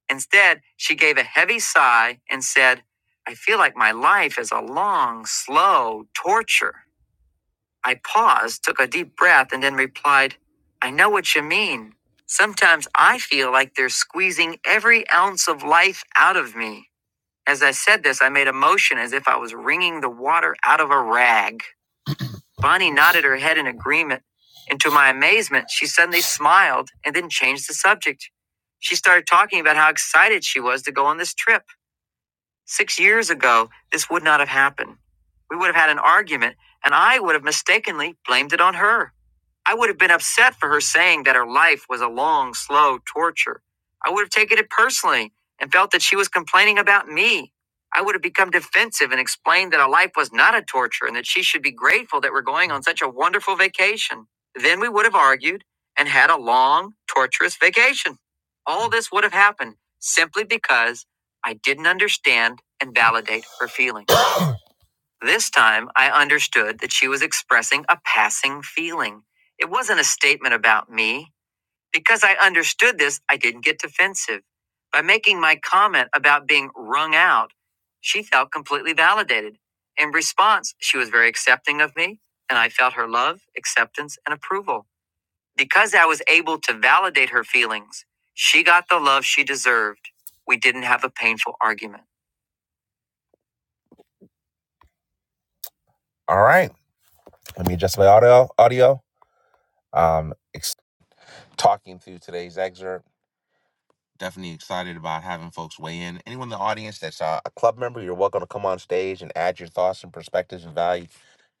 Speaker 1: Instead, she gave a heavy sigh and said, I feel like my life is a long, slow torture. I paused, took a deep breath, and then replied, I know what you mean. Sometimes I feel like they're squeezing every ounce of life out of me. As I said this, I made a motion as if I was wringing the water out of a rag. Bonnie nodded her head in agreement, and to my amazement, she suddenly smiled and then changed the subject. She started talking about how excited she was to go on this trip. Six years ago, this would not have happened. We would have had an argument, and I would have mistakenly blamed it on her. I would have been upset for her saying that her life was a long, slow torture. I would have taken it personally and felt that she was complaining about me. I would have become defensive and explained that her life was not a torture and that she should be grateful that we're going on such a wonderful vacation. Then we would have argued and had a long, torturous vacation. All this would have happened simply because I didn't understand and validate her feelings. This time, I understood that she was expressing a passing feeling. It wasn't a statement about me. Because I understood this, I didn't get defensive. By making my comment about being wrung out, she felt completely validated. In response, she was very accepting of me, and I felt her love, acceptance, and approval. Because I was able to validate her feelings, she got the love she deserved. We didn't have a painful argument. All right. Let me adjust my audio. Audio. Um, talking through today's excerpt. Definitely excited about having folks weigh in. Anyone in the audience that's uh, a club member, you're welcome to come on stage and add your thoughts and perspectives and value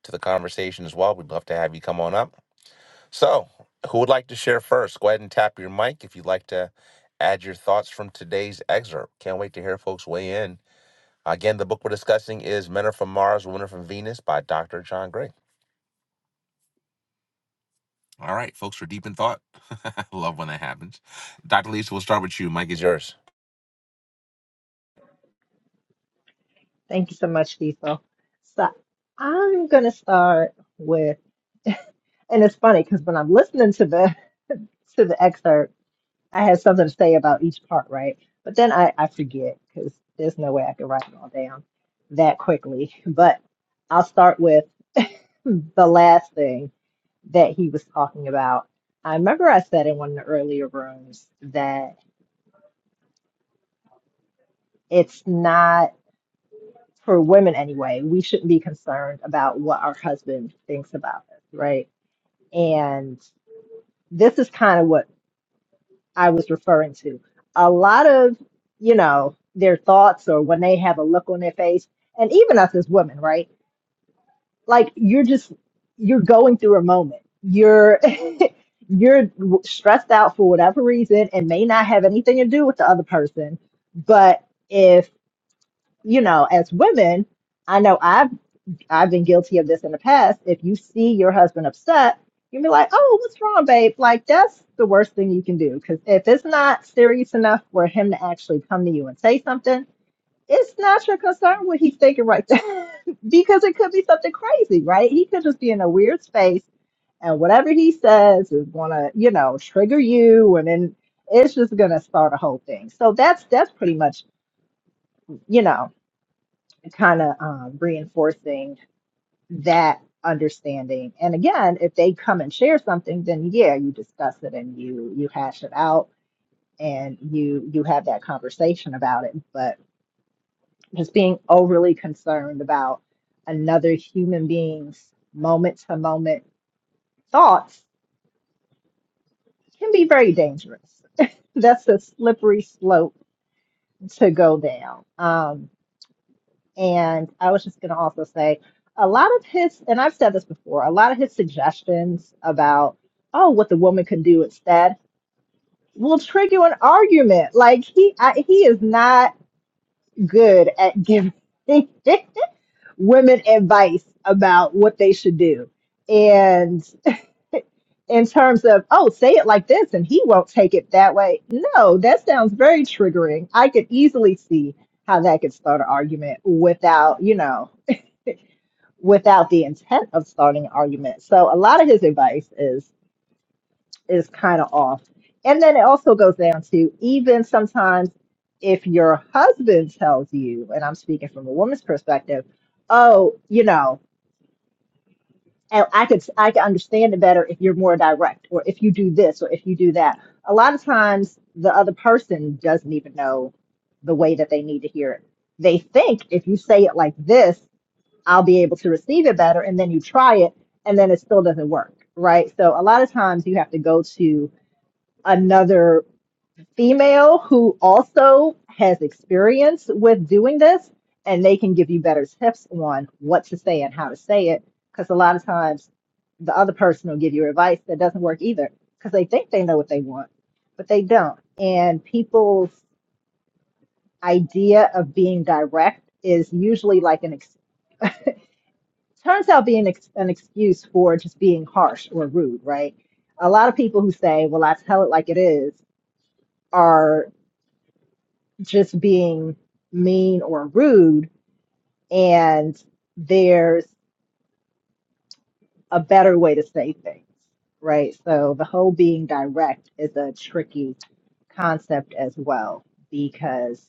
Speaker 1: to the conversation as well. We'd love to have you come on up. So, who would like to share first? Go ahead and tap your mic if you'd like to add your thoughts from today's excerpt. Can't wait to hear folks weigh in. Again, the book we're discussing is Men Are From Mars, Women Are From Venus by Dr. John Gray. All right, folks, we're deep in thought. Love when that happens. Dr. Lisa, we'll start with you. Mike is yours.
Speaker 5: Thank you so much, Diesel. So I'm gonna start with, and it's funny because when I'm listening to the to the excerpt, I had something to say about each part, right? But then I, I forget because there's no way I can write it all down that quickly. But I'll start with. the last thing that he was talking about. I remember I said in one of the earlier rooms that it's not for women anyway, we shouldn't be concerned about what our husband thinks about us, right? And this is kind of what I was referring to. A lot of, you know, their thoughts or when they have a look on their face, and even us as women, right? like you're just you're going through a moment you're you're stressed out for whatever reason and may not have anything to do with the other person but if you know as women i know i've i've been guilty of this in the past if you see your husband upset you will be like oh what's wrong babe like that's the worst thing you can do because if it's not serious enough for him to actually come to you and say something it's not your concern what he's thinking right there because it could be something crazy, right? He could just be in a weird space and whatever he says is gonna, you know, trigger you and then it's just gonna start a whole thing. So that's that's pretty much, you know, kind of um, reinforcing that understanding. And again, if they come and share something, then yeah, you discuss it and you you hash it out and you you have that conversation about it. but. just being overly concerned about another human being's moment to moment thoughts can be very dangerous. That's a slippery slope to go down. Um, and I was just going to also say a lot of his, and I've said this before, a lot of his suggestions about, oh, what the woman can do instead will trigger an argument. Like he, I, he is not good at giving women advice about what they should do. And in terms of, oh, say it like this and he won't take it that way. No, that sounds very triggering. I could easily see how that could start an argument without, you know, without the intent of starting an argument. So a lot of his advice is is kind of off. And then it also goes down to even sometimes if your husband tells you, and I'm speaking from a woman's perspective, oh, you know, And I could I could understand it better if you're more direct, or if you do this, or if you do that. A lot of times, the other person doesn't even know the way that they need to hear it. They think if you say it like this, I'll be able to receive it better, and then you try it, and then it still doesn't work, right? So a lot of times, you have to go to another female who also has experience with doing this and they can give you better tips on what to say and how to say it because a lot of times the other person will give you advice that doesn't work either because they think they know what they want but they don't and people's idea of being direct is usually like an ex- turns out being ex- an excuse for just being harsh or rude right a lot of people who say well i tell it like it is are just being mean or rude and there's a better way to say things right so the whole being direct is a tricky concept as well because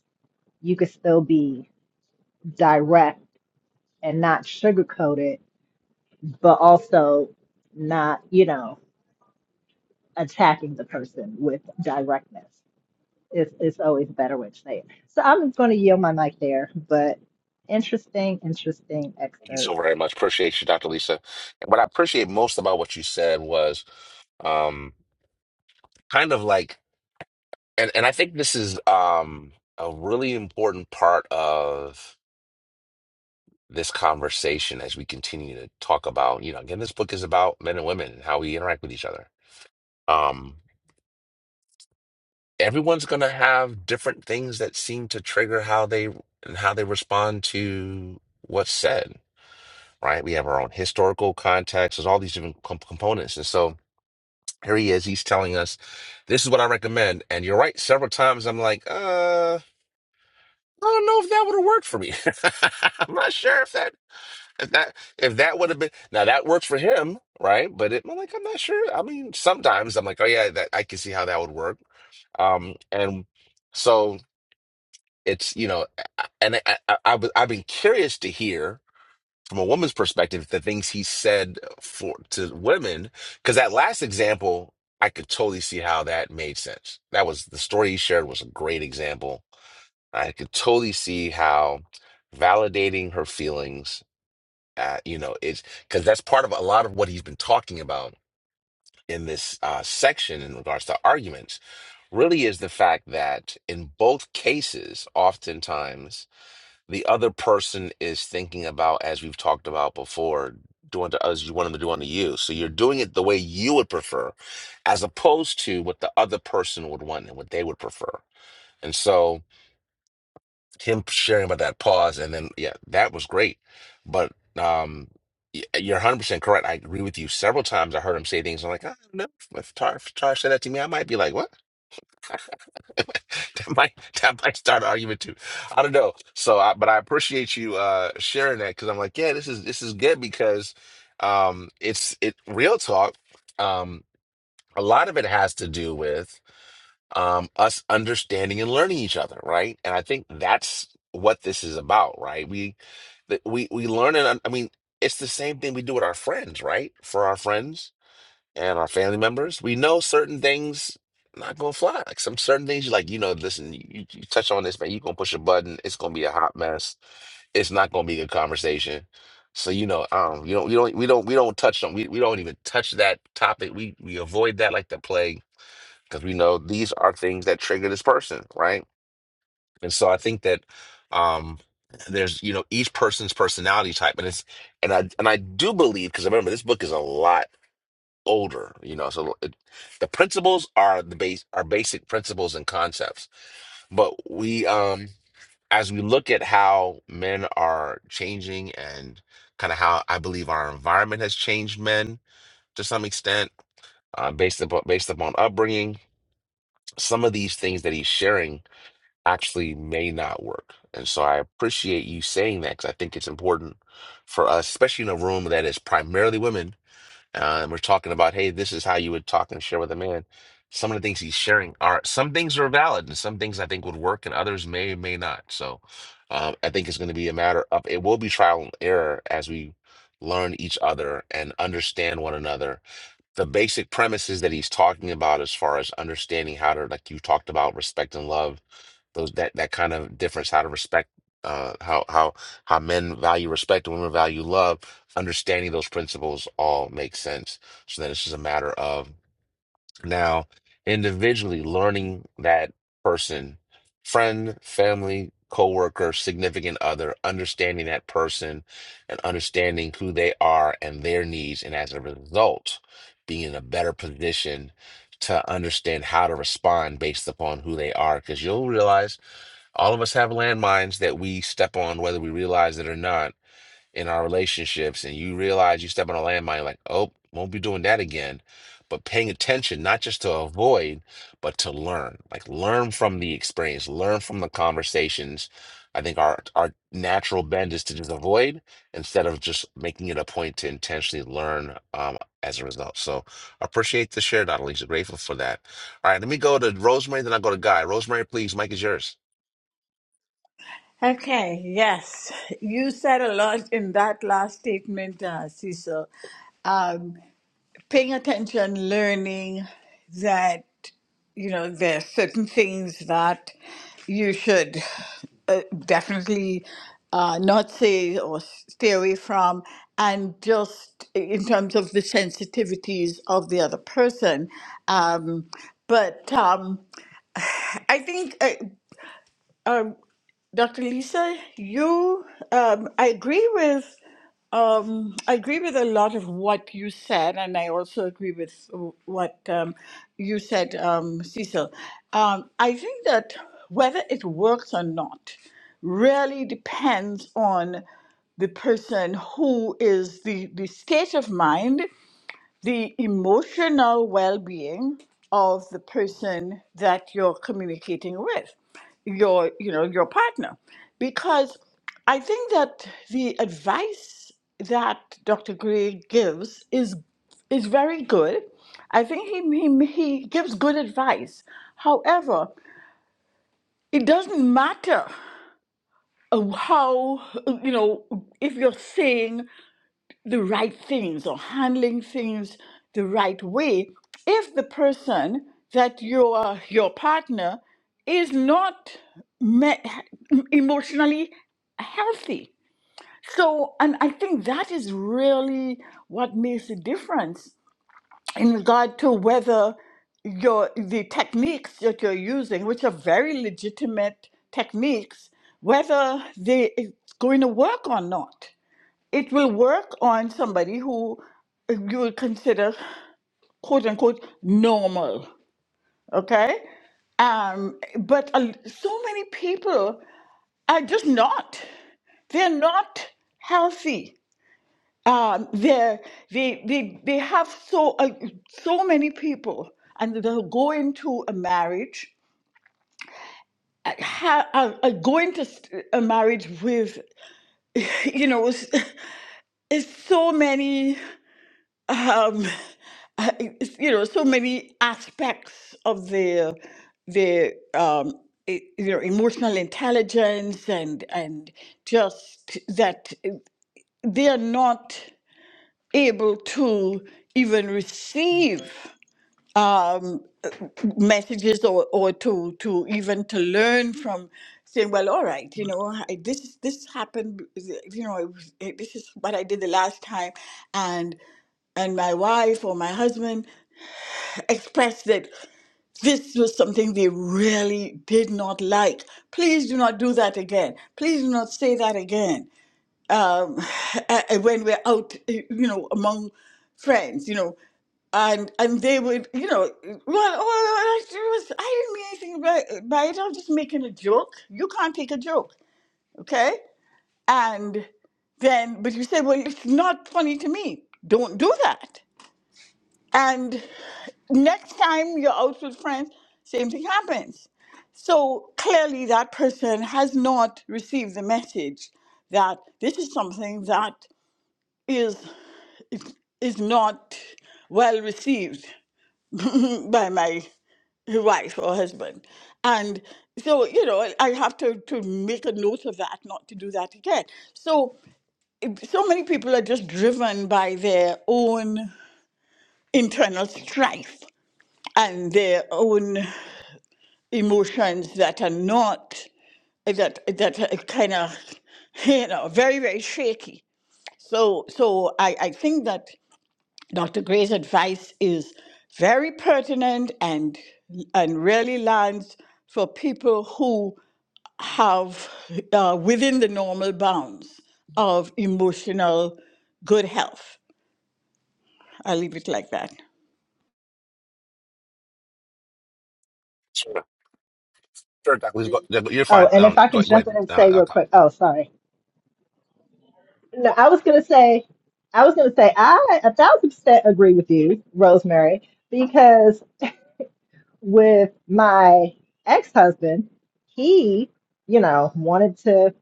Speaker 5: you could still be direct and not sugarcoat it but also not you know attacking the person with directness it's, it's always a better way to say it so i'm just going to yield my mic there but interesting interesting
Speaker 1: Thank you
Speaker 5: excerpt
Speaker 1: so very much. Appreciate you, Dr. Lisa. And what I appreciate most about what you said was um, kind of like, and, and I think this is um, a really important part of this conversation as we continue to talk about, you know, again, this book is about men and women and how we interact with each other. Um, everyone's going to have different things that seem to trigger how they and how they respond to what's said, right? We have our own historical context. There's all these different com components, and so Here he is. He's telling us, this is what I recommend. And you're right. Several times I'm like, uh, I don't know if that would have worked for me. I'm not sure if that, if that, if that would have been, now that works for him, right? But it, I'm like, I'm not sure. I mean, sometimes I'm like, oh yeah, that I can see how that would work. Um, and so it's, you know, and I, I, I, I've been curious to hear from a woman's perspective, the things he said for to women, because that last example, I could totally see how that made sense. That was the story he shared was a great example. I could totally see how validating her feelings, uh, you know, is because that's part of a lot of what he's been talking about in this uh, section in regards to arguments. Really, is the fact that in both cases, oftentimes the other person is thinking about, as we've talked about before, doing to us you want them to do unto you. So you're doing it the way you would prefer, as opposed to what the other person would want and what they would prefer. And so him sharing about that pause, and then yeah, that was great. But um, y- uh, you're 100 percent correct. I agree with you. Several times I heard him say things. I'm like, I don't know if Tar, if Tar said that to me, I might be like, what? that might that might start an argument too. I don't know. So, I, but I appreciate you uh sharing that because I'm like, yeah, this is this is good because um it's it real talk. Um, a lot of it has to do with um us understanding and learning each other, right? And I think that's what this is about, right? We that we we learn and un- I mean, it's the same thing we do with our friends, right? For our friends and our family members, we know certain things not gonna fly. Like some certain things, you like, you know, listen, you, you touch on this, man, you gonna push a button, it's gonna be a hot mess. It's not gonna be a good conversation. So you know, um, you don't, you don't, we don't, we don't touch on, we, we don't even touch that topic. We we avoid that like the plague because we know these are things that trigger this person, right? And so I think that, um, there's you know each person's personality type, and it's and I and I do believe because remember this book is a lot older, you know. So it, the principles are the base are basic principles and concepts. But we um as we look at how men are changing and kind of how I believe our environment has changed men to some extent, uh, based upon based upon upbringing, some of these things that he's sharing actually may not work. And so I appreciate you saying that because I think it's important for us, especially in a room that is primarily women uh, and we're talking about, hey, this is how you would talk and share with a man. Some of the things he's sharing are some things are valid, and some things I think would work, and others may may not. So, um, I think it's going to be a matter of it will be trial and error as we learn each other and understand one another the basic premises that he's talking about as far as understanding how to like you talked about respect and love those that that kind of difference how to respect uh how how how men value respect and women value love understanding those principles all make sense so then it's just a matter of now, individually, learning that person, friend, family, coworker, significant other, understanding that person and understanding who they are and their needs, and as a result, being in a better position to understand how to respond based upon who they are. Because you'll realize all of us have landmines that we step on, whether we realize it or not in our relationships and you realize you step on a landmine, like, oh, won't be doing that again. But paying attention, not just to avoid, but to learn. Like learn from the experience, learn from the conversations. I think our our natural bend is to just avoid instead of just making it a point to intentionally learn um, as a result. So appreciate the share, Dr. Lisa. Grateful for that. All right, let me go to Rosemary, then I'll go to Guy. Rosemary, please, Mike is yours.
Speaker 6: Okay, yes. You said a lot in that last statement, uh, Cecil. Um, paying attention, learning that, you know, there are certain things that you should uh, definitely uh, not say or stay away from, and just in terms of the sensitivities of the other person. Um, but um, I think uh, um, Dr. Lisa, you, um, I agree with, um, I agree with a lot of what you said, and I also agree with what um, you said, um, Cecil. Um, I think that whether it works or not really depends on the person who is the, the state of mind the emotional well being of the person that you're communicating with, your you know, your partner. Because I think that the advice that Dr. Gray gives is is very good. I think he, he, he gives good advice. However, it doesn't matter uh, how, uh, you know, if you're saying the right things or handling things the right way if the person that your your partner is not me- emotionally healthy so and i think that is really what makes a difference in regard to whether your the techniques that you're using which are very legitimate techniques whether they it's going to work or not it will work on somebody who you would consider quote unquote normal okay um but a- so many people are just not they're not healthy um they're they they, they have so uh, so many people and they'll go into a marriage uh, ha- uh, uh, go into s- a marriage with you know s- is so many um, I- you know, so many aspects of their their um, e- you know emotional intelligence and and just that eh, they are not able to even receive um, messages or, or to to even to learn from saying well all right you know I, this this happened you know it was, it, this is what i did the last time and and my wife or my husband expressed that this was something they really did not like please do not do that again please do not say that again um, a- when we're out, eh, you know, among friends, you know, and and they would, you know, well, oh, I was, I didn't mean anything by, by it. I'm just making a joke. You can't take a joke, okay? And then, but you say, well, it's not funny to me. Don't do that. And next time you're out with friends, same thing happens. So clearly, that person has not received the message that this is something that is. is not well received by my wife or husband. And so, you know, I have to, to make a note of that, not to do that again. So, so many people are just driven by their own internal strife and their own emotions that are not, that, that are kind of, you know, very, very shaky. So, so I, I think that Dr. Gray's advice is very pertinent and and really lands for people who have uh, within the normal bounds of emotional good health. I'll leave it like that.
Speaker 1: Sure, Dr. Lisa, go, you're
Speaker 5: Oh,
Speaker 1: fine.
Speaker 5: and if
Speaker 1: Um,
Speaker 5: I can
Speaker 1: go, go
Speaker 5: jump
Speaker 1: ahead.
Speaker 5: in and
Speaker 1: Uh,
Speaker 5: say
Speaker 1: I'll
Speaker 5: real
Speaker 1: come.
Speaker 5: quick, oh, sorry. No, I was gonna say, I was gonna say, I a thousand percent agree with you, Rosemary, because with my ex-husband, he, you know, wanted to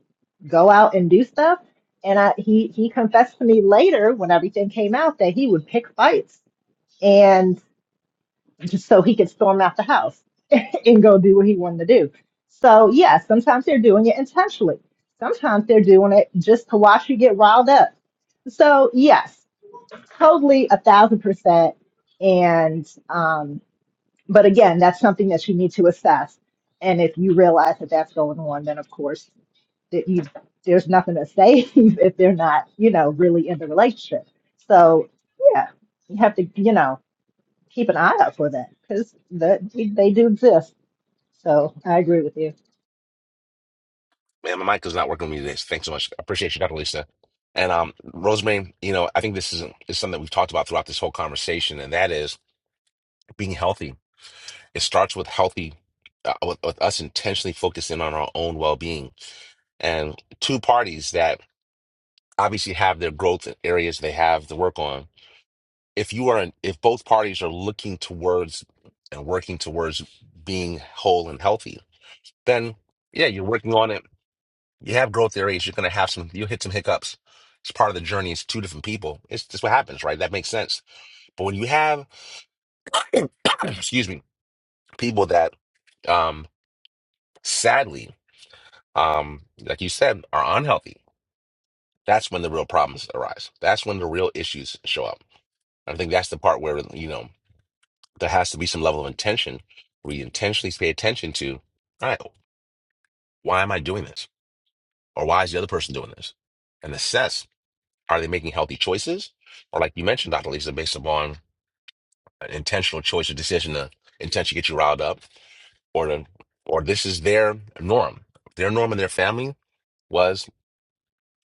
Speaker 5: go out and do stuff, and I he he confessed to me later when everything came out that he would pick fights and just so he could storm out the house. and go do what he wanted to do. So yeah, sometimes they're doing it intentionally. Sometimes they're doing it just to watch you get riled up. So yes, totally a thousand percent. And um, but again, that's something that you need to assess. And if you realize that that's going on, then of course that you there's nothing to say if they're not you know really in the relationship. So yeah, you have to you know keep an eye out for that because they do exist. So I agree with you.
Speaker 1: Man, my mic is not working with me today. so Thanks so much. I Appreciate you, Dr. Lisa. And um, Rosemary, you know, I think this is, is something that we've talked about throughout this whole conversation, and that is being healthy. It starts with healthy, uh, with, with us intentionally focusing on our own well being. And two parties that obviously have their growth areas they have to work on. If you are, in, if both parties are looking towards and working towards being whole and healthy, then yeah, you're working on it You have growth areas. You're gonna have some. You hit some hiccups. It's part of the journey. It's two different people. It's just what happens, right? That makes sense. But when you have, excuse me, people that, um, sadly, um, like you said, are unhealthy, that's when the real problems arise. That's when the real issues show up. I think that's the part where you know there has to be some level of intention, where you intentionally pay attention to, all right, why am I doing this, or why is the other person doing this, and assess: Are they making healthy choices? or like you mentioned, Dr. Lisa, based upon an intentional choice or decision to intentionally get you riled up, or to, or this is their norm. Their norm in their family was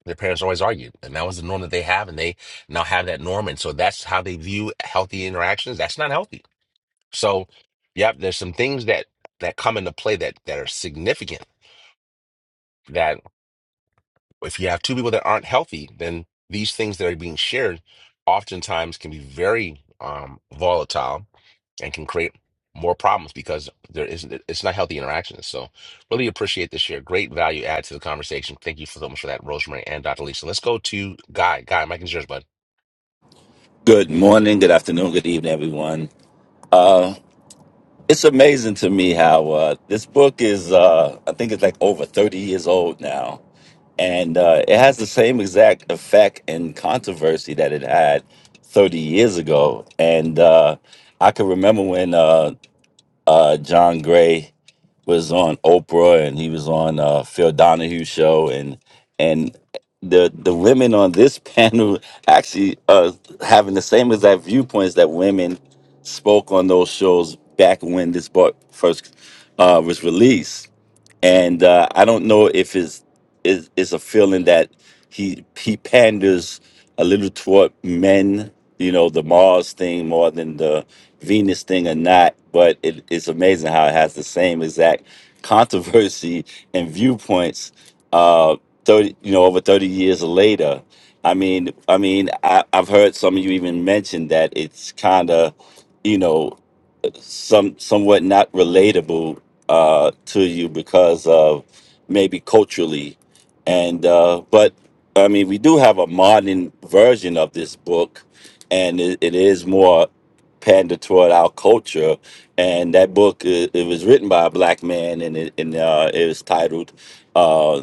Speaker 1: their parents always argued, and that was the norm that they have, and they now have that norm, and so that's how they view healthy interactions. That's not healthy. So, yep, there's some things that that come into play that that are significant. That if you have two people that aren't healthy, then these things that are being shared oftentimes can be very um, volatile and can create more problems because there isn't it's not healthy interactions. So really appreciate this share. Great value add to the conversation. Thank you so much for that, Rosemary and Dr. Lisa. Let's go to Guy. Guy, Mike is yours, bud.
Speaker 7: Good morning, good afternoon, good evening, everyone. Uh, it's amazing to me how uh, this book is, uh, I think it's like over 30 years old now. And uh, it has the same exact effect and controversy that it had 30 years ago. And uh, I can remember when uh, uh, John Gray was on Oprah and he was on uh, Phil Donahue show and and the the women on this panel actually uh having the same exact viewpoints that women spoke on those shows back when this book first uh, was released and uh, I don't know if it's is is a feeling that he he panders a little toward men, you know, the Mars thing more than the Venus thing or not. But it, it's amazing how it has the same exact controversy and viewpoints. Uh, thirty, you know, over thirty years later. I mean, I mean, I, I've heard some of you even mention that it's kind of, you know some somewhat not relatable uh, to you because of maybe culturally, and uh, but I mean we do have a modern version of this book, and it, it is more pander toward our culture. And that book it, it was written by a black man, and it and uh, it was titled. uh,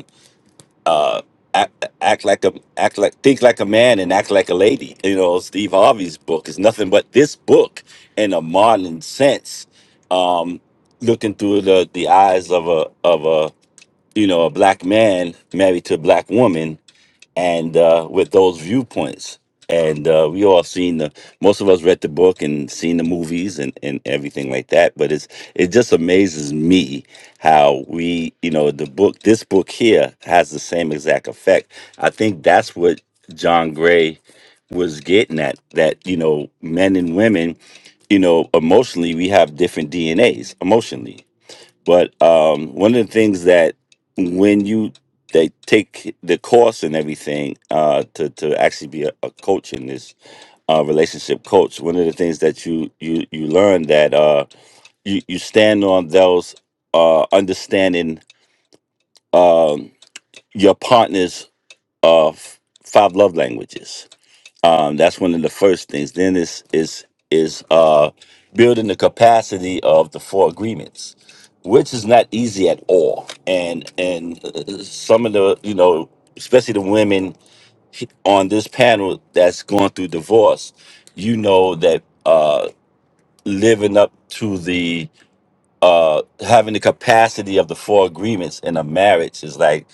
Speaker 7: uh, act, act like a act like think like a man and act like a lady. You know, Steve Harvey's book is nothing but this book in a modern sense, um, looking through the the eyes of a of a you know a black man married to a black woman and uh, with those viewpoints. And uh, we all seen the most of us read the book and seen the movies and, and everything like that. But it's it just amazes me how we you know the book this book here has the same exact effect. I think that's what John Gray was getting at that you know men and women you know emotionally we have different DNAs emotionally but um, one of the things that when you they take the course and everything uh, to to actually be a, a coach in this uh, relationship coach, one of the things that you you you learn that uh, you you stand on those uh, understanding um, your partner's uh, f- five love languages um, that's one of the first things. Then is is is uh, building the capacity of the four agreements, which is not easy at all. And and uh, some of the you know, especially the women on this panel that's going through divorce, you know that uh, living up to the uh having the capacity of the four agreements in a marriage is like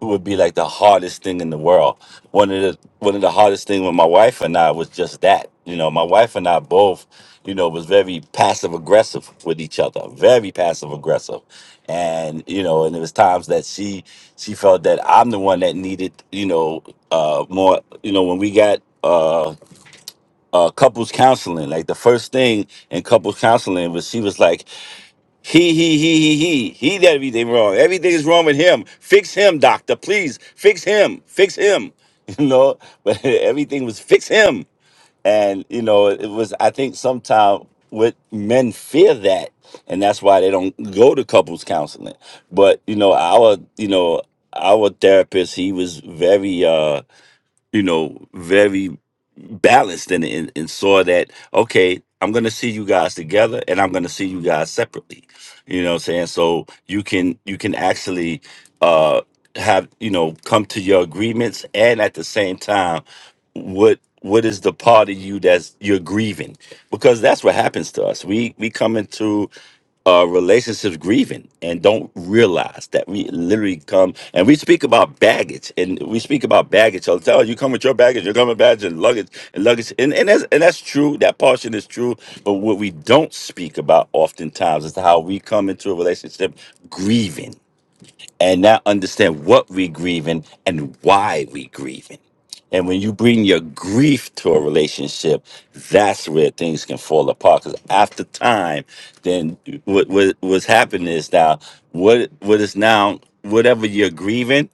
Speaker 7: it would be like the hardest thing in the world. One of the one of the hardest thing with my wife and I was just that. You know, my wife and I both, you know, was very passive aggressive with each other, very passive aggressive. And, you know, and there was times that she she felt that I'm the one that needed, you know, uh more, you know, when we got uh uh couples counseling, like the first thing in couples counseling was she was like he, he, he, he, he, he, did everything wrong. Everything is wrong with him. Fix him, doctor, please. Fix him, fix him. You know, but everything was fix him. And, you know, it was, I think sometimes with men fear that. And that's why they don't go to couples counseling. But, you know, our, you know, our therapist, he was very, uh, you know, very balanced and, and, and saw that, okay, I'm going to see you guys together and I'm going to see you guys separately. You know what I'm saying? So you can, you can actually, uh, have, you know, come to your agreements and at the same time, what, what is the part of you that's you're grieving? Because that's what happens to us. We, we come into uh, relationships grieving and don't realize that we literally come and we speak about baggage and we speak about baggage all the time. You come with your baggage, you're coming with baggage and luggage and luggage. And, and, that's, and that's true. That portion is true. But what we don't speak about oftentimes is how we come into a relationship grieving and now understand what we grieving and why we grieving. And when you bring your grief to a relationship, that's where things can fall apart. Because after time, then what, what what's happening is now what what is now whatever you're grieving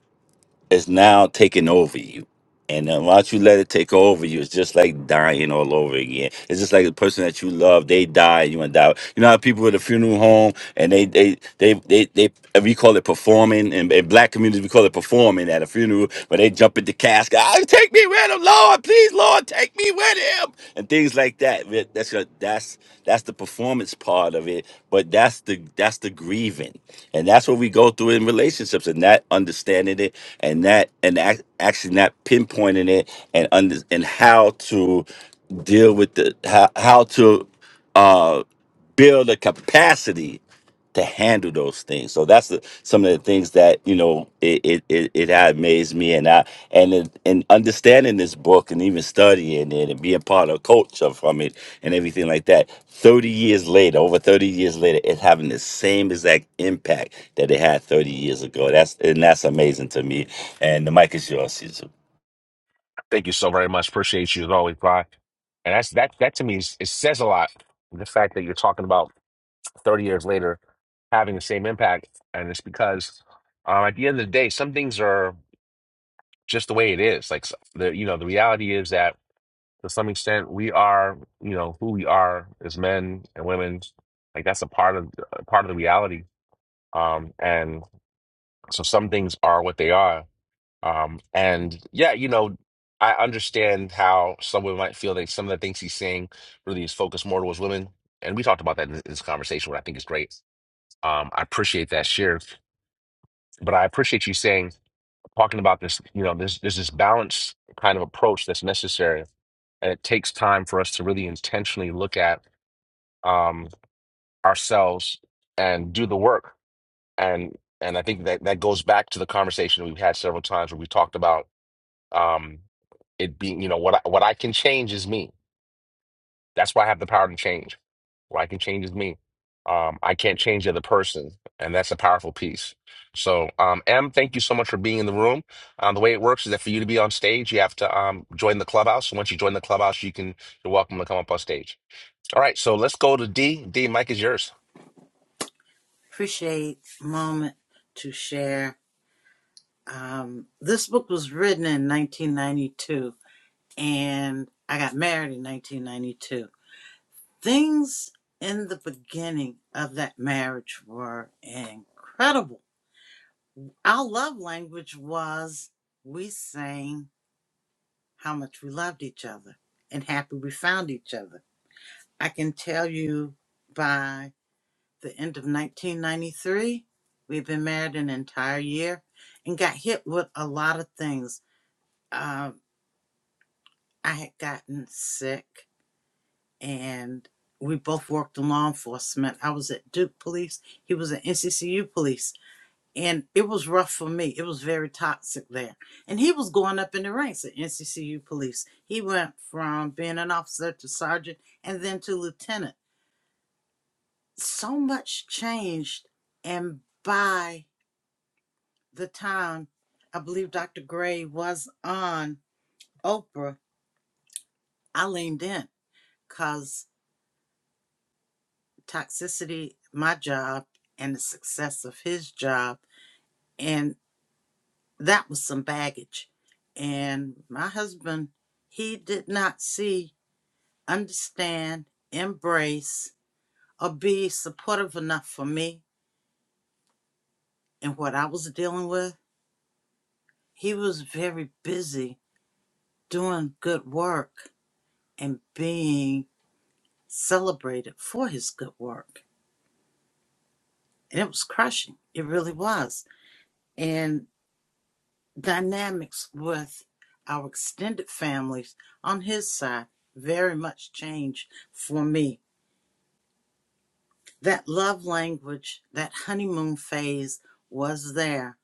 Speaker 7: is now taking over you and then once you let it take over you, it's just like dying all over again. It's just like the person that you love, they die, you and die. You know how people at a funeral home and they they they they, they, and we call it performing in, in black communities we call it performing at a funeral, but they jump at the casket, oh, take me with him, Lord, please, Lord, take me with him and things like that. That- That's your, that's that's the performance part of it, but that's the that's the grieving. And that's what we go through in relationships and that understanding it and that and that actually not pinpointing it and under and how to deal with the how, how to uh, build a capacity to handle those things. So that's the, some of the things that you know it it it, it had amazed me, and I and it, and understanding this book and even studying it and being part of culture from it and everything like that. Thirty years later, over thirty years later, it's having the same exact impact that it had thirty years ago. That's and that's amazing to me. And the mic is yours, Caesar.
Speaker 1: Thank you so very much. Appreciate you as always, Guy. And that's that that to me is, it says a lot. The fact that you're talking about 30 years later having the same impact. And it's because um, at the end of the day, some things are just the way it is. Like s- the you know, the reality is that to some extent we are you know who we are as men and women like that's a part of a part of the reality um and so some things are what they are um and yeah you know i understand how someone might feel that some of the things he's saying really is focused more towards women and we talked about that in this conversation what i think is great um i appreciate that share but i appreciate you saying talking about this you know there's there's this balance kind of approach that's necessary and it takes time for us to really intentionally look at um, ourselves and do the work. And and I think that that goes back to the conversation we've had several times where we talked about um, it being, you know, what I, what I can change is me. That's why I have the power to change. What I can change is me. Um, I can't change the other person, and that's a powerful piece. So, um, M, thank you so much for being in the room. Um, the way it works is that for you to be on stage, you have to um, join the clubhouse. And once you join the clubhouse, you can you're welcome to come up on stage. All right, so let's go to D. D, Mike is yours.
Speaker 8: Appreciate moment to share. Um, this book was written in 1992, and I got married in 1992. Things in the beginning of that marriage were incredible. Our love language was we sang how much we loved each other and happy we found each other. I can tell you by the end of 1993. We've been married an entire year and got hit with a lot of things. Um, I had gotten sick and we both worked in law enforcement. I was at Duke Police, he was at NCCU Police. And it was rough for me. It was very toxic there. And he was going up in the ranks at NCCU Police. He went from being an officer to sergeant and then to lieutenant. So much changed. And by the time I believe Dr. Gray was on Oprah, I leaned in because toxicity, my job, and the success of his job. And that was some baggage. And my husband, he did not see, understand, embrace, or be supportive enough for me and what I was dealing with. He was very busy doing good work and being celebrated for his good work. And it was crushing. It really was. And dynamics with our extended families on his side very much changed for me. That love language, that honeymoon phase was there,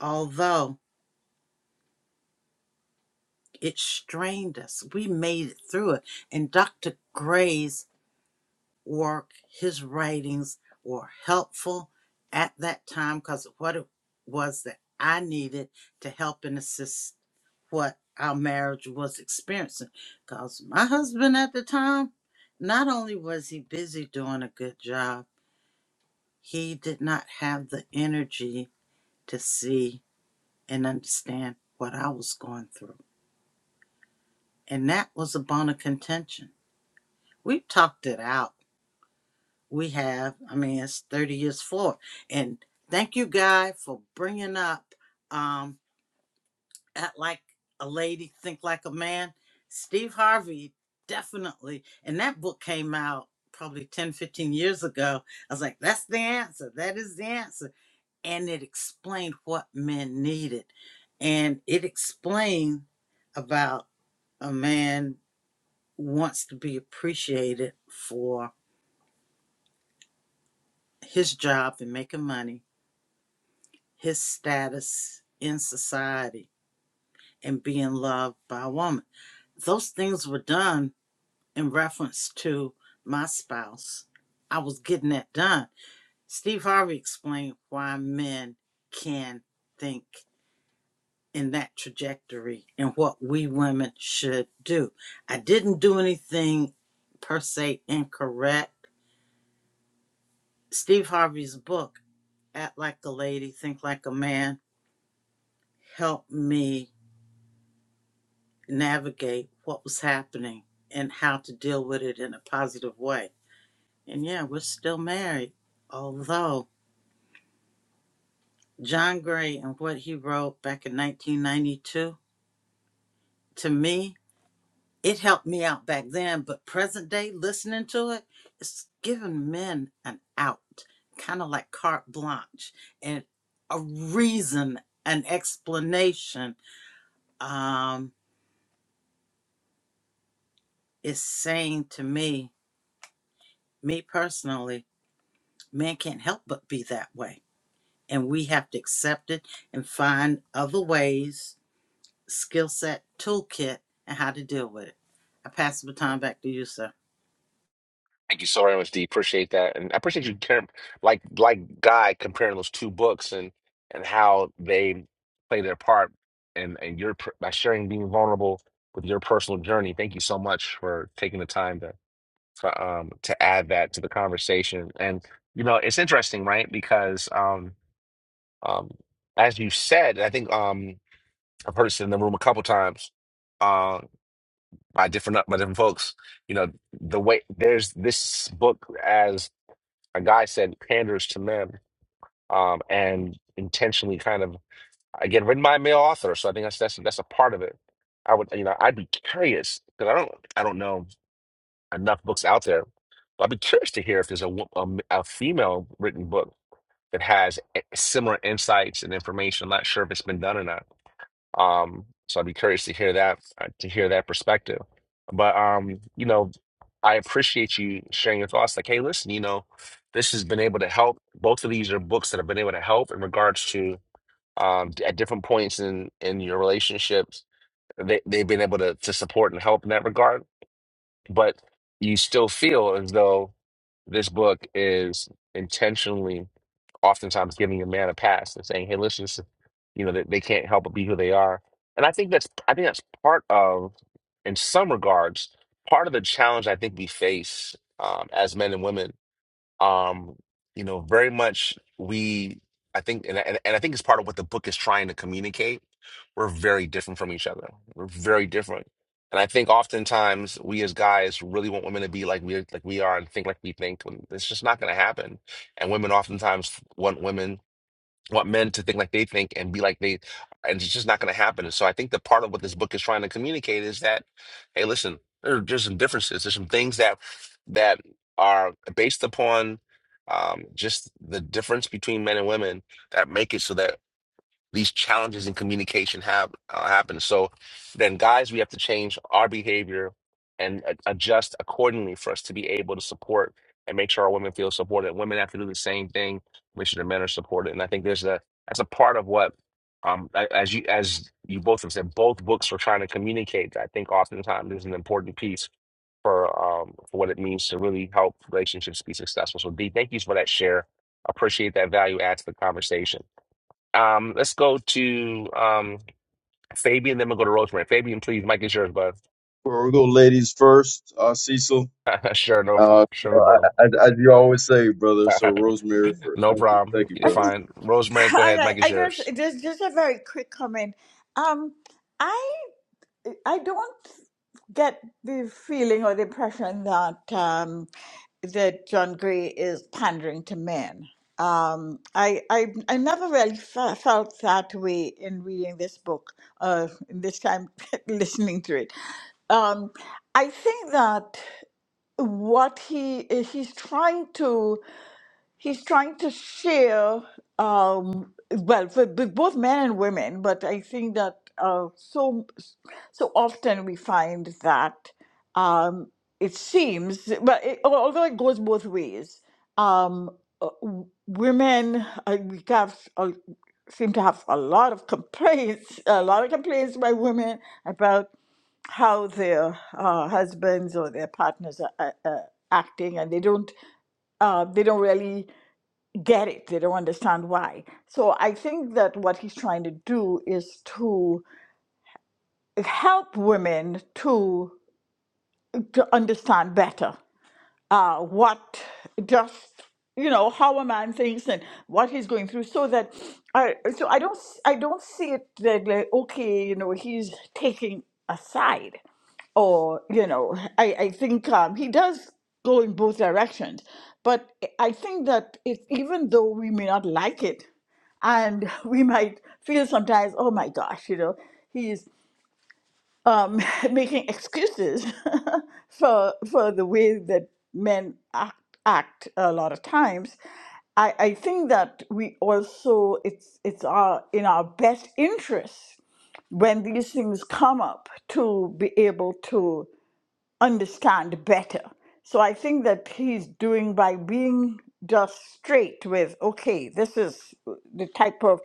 Speaker 8: although it strained us. We made it through it. And Dr. Gray's work, his writings were helpful at that time because of what it was that I needed to help and assist what our marriage was experiencing. Because my husband at the time, not only was he busy doing a good job, he did not have the energy to see and understand what I was going through. And that was a bone of contention. We talked it out we have. I mean, it's 30 years forward. And thank you, Guy, for bringing up um, Act Like a Lady, Think Like a Man. Steve Harvey, definitely. And that book came out probably 10, 15 years ago. I was like, that's the answer. That is the answer. And it explained what men needed. And it explained about a man wants to be appreciated for his job and making money his status in society and being loved by a woman. Those things were done in reference to my spouse. I was getting that done. Steve Harvey explained why men can think in that trajectory and what we women should do. I didn't do anything per se incorrect. Steve Harvey's book, Act Like a Lady, Think Like a Man, helped me navigate what was happening and how to deal with it in a positive way. And yeah, we're still married. Although John Gray and what he wrote back in 1992, to me, it helped me out back then, but present day listening to it, it's given men an out, kind of like carte blanche and a reason, an explanation. Um, is saying to me, me personally, men can't help but be that way and we have to accept it and find other ways, skill set, toolkit, and how to deal with it. I pass the baton back to you, sir.
Speaker 1: Thank you so very much, D. Appreciate that, and I appreciate you caring, like like Guy comparing those two books and and how they play their part and and your per- by sharing being vulnerable with your personal journey. Thank you so much for taking the time to to, um to add that to the conversation. And you know, it's interesting, right? Because um um as you said, I think um I've heard it said in the room a couple times uh by different by different folks. You know, the way there's this book as a guy said panders to men um, and intentionally kind of again written by a male author so i think that's that's that's a part of it i would you know i'd be curious because i don't i don't know enough books out there but i'd be curious to hear if there's a, wo- a, m- a female written book that has eh, similar insights and information i'm not sure if it's been done or not um, so I'd be curious to hear that uh, to hear that perspective. But um, you know, I appreciate you sharing your thoughts. Like, hey, listen, you know, this has been able to help. Both of these are books that have been able to help in regards to um, at different points in in your relationships. They they've been able to to support and help in that regard but you still feel as though this book is intentionally, oftentimes, giving a man a pass and saying, "Hey, listen, this is- you know, that they can't help but be who they are." And I think that's, I think that's part of, in some regards, part of the challenge I think we face um, as men and women um you know very much we i think and, and, and i think it's part of what the book is trying to communicate we're very different from each other we're very different and i think oftentimes we as guys really want women to be like we like we are and think like we think when it's just not going to happen and women oftentimes want women want men to think like they think and be like they and it's just not going to happen and so i think that part of what this book is trying to communicate is that hey listen there are just some differences there's some things that that are based upon um, just the difference between men and women that make it so that these challenges in communication have uh, happen. So then, guys, we have to change our behavior and a- adjust accordingly for us to be able to support and make sure our women feel supported. Women have to do the same thing. Make sure the men are supported. And I think there's a that's a part of what um a- as you as you both have said, both books were trying to communicate. I think oftentimes is an important piece for um for what it means to really help relationships be successful. So D, thank you for that share. Appreciate that value add to the conversation. Um, let's go to um Fabian, then we'll go to Rosemary. Fabian, please, Mike is yours, bud.
Speaker 9: Well, we'll go ladies first, uh, Cecil.
Speaker 1: sure, no,
Speaker 9: Uh, so
Speaker 1: sure, no
Speaker 9: I, I, as you always say, brother. So
Speaker 1: problem.
Speaker 9: Rosemary first.
Speaker 1: no
Speaker 9: Thank you,
Speaker 1: problem.
Speaker 9: thank you,
Speaker 1: You're
Speaker 9: brother.
Speaker 6: Okay.
Speaker 1: fine. Rosemary, go
Speaker 6: All
Speaker 1: ahead.
Speaker 6: right.
Speaker 1: Mike is
Speaker 6: I guess
Speaker 1: yours.
Speaker 6: just just a very quick comment. Um, I I don't get the feeling or the impression that um, that John Gray is pandering to men. Um, I, I I never really fe- felt that way in reading this book, uh, this time listening to it. Um, I think that what he he's trying to he's trying to share um well for b- both men and women but i think that uh so so often we find that um it seems but it, al- although it goes both ways um uh, w- women uh, we have uh, seem to have a lot of complaints a lot of complaints by women about how their uh, husbands or their partners are uh, uh, acting and they don't uh, they don't really get it. They don't understand why. So I think that what he's trying to do is to help women to to understand better uh, what just you know how a man thinks and what he's going through so that i so i don't s- i don't see it that like okay you know he's taking a side or you know i i think um he does go in both directions but i think that if even though we may not like it and we might feel sometimes oh my gosh you know he's um, making excuses for for the way that men act, act a lot of times. I, I think that we also it's it's our in our best interest when these things come up to be able to understand better. So I think that he's doing by being just straight with okay, this is the type of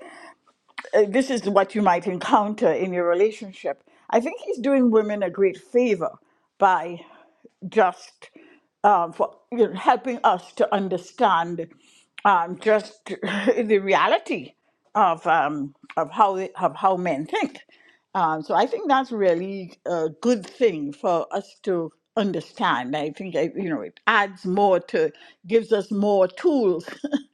Speaker 6: uh, this is what you might encounter in your relationship. I think he's doing women a great favor by just uh, for you know, helping us to understand um, just the reality of um, of how they, of how men think. Um, so I think that's really a good thing for us to understand. I think I, you know it adds more to gives us more tools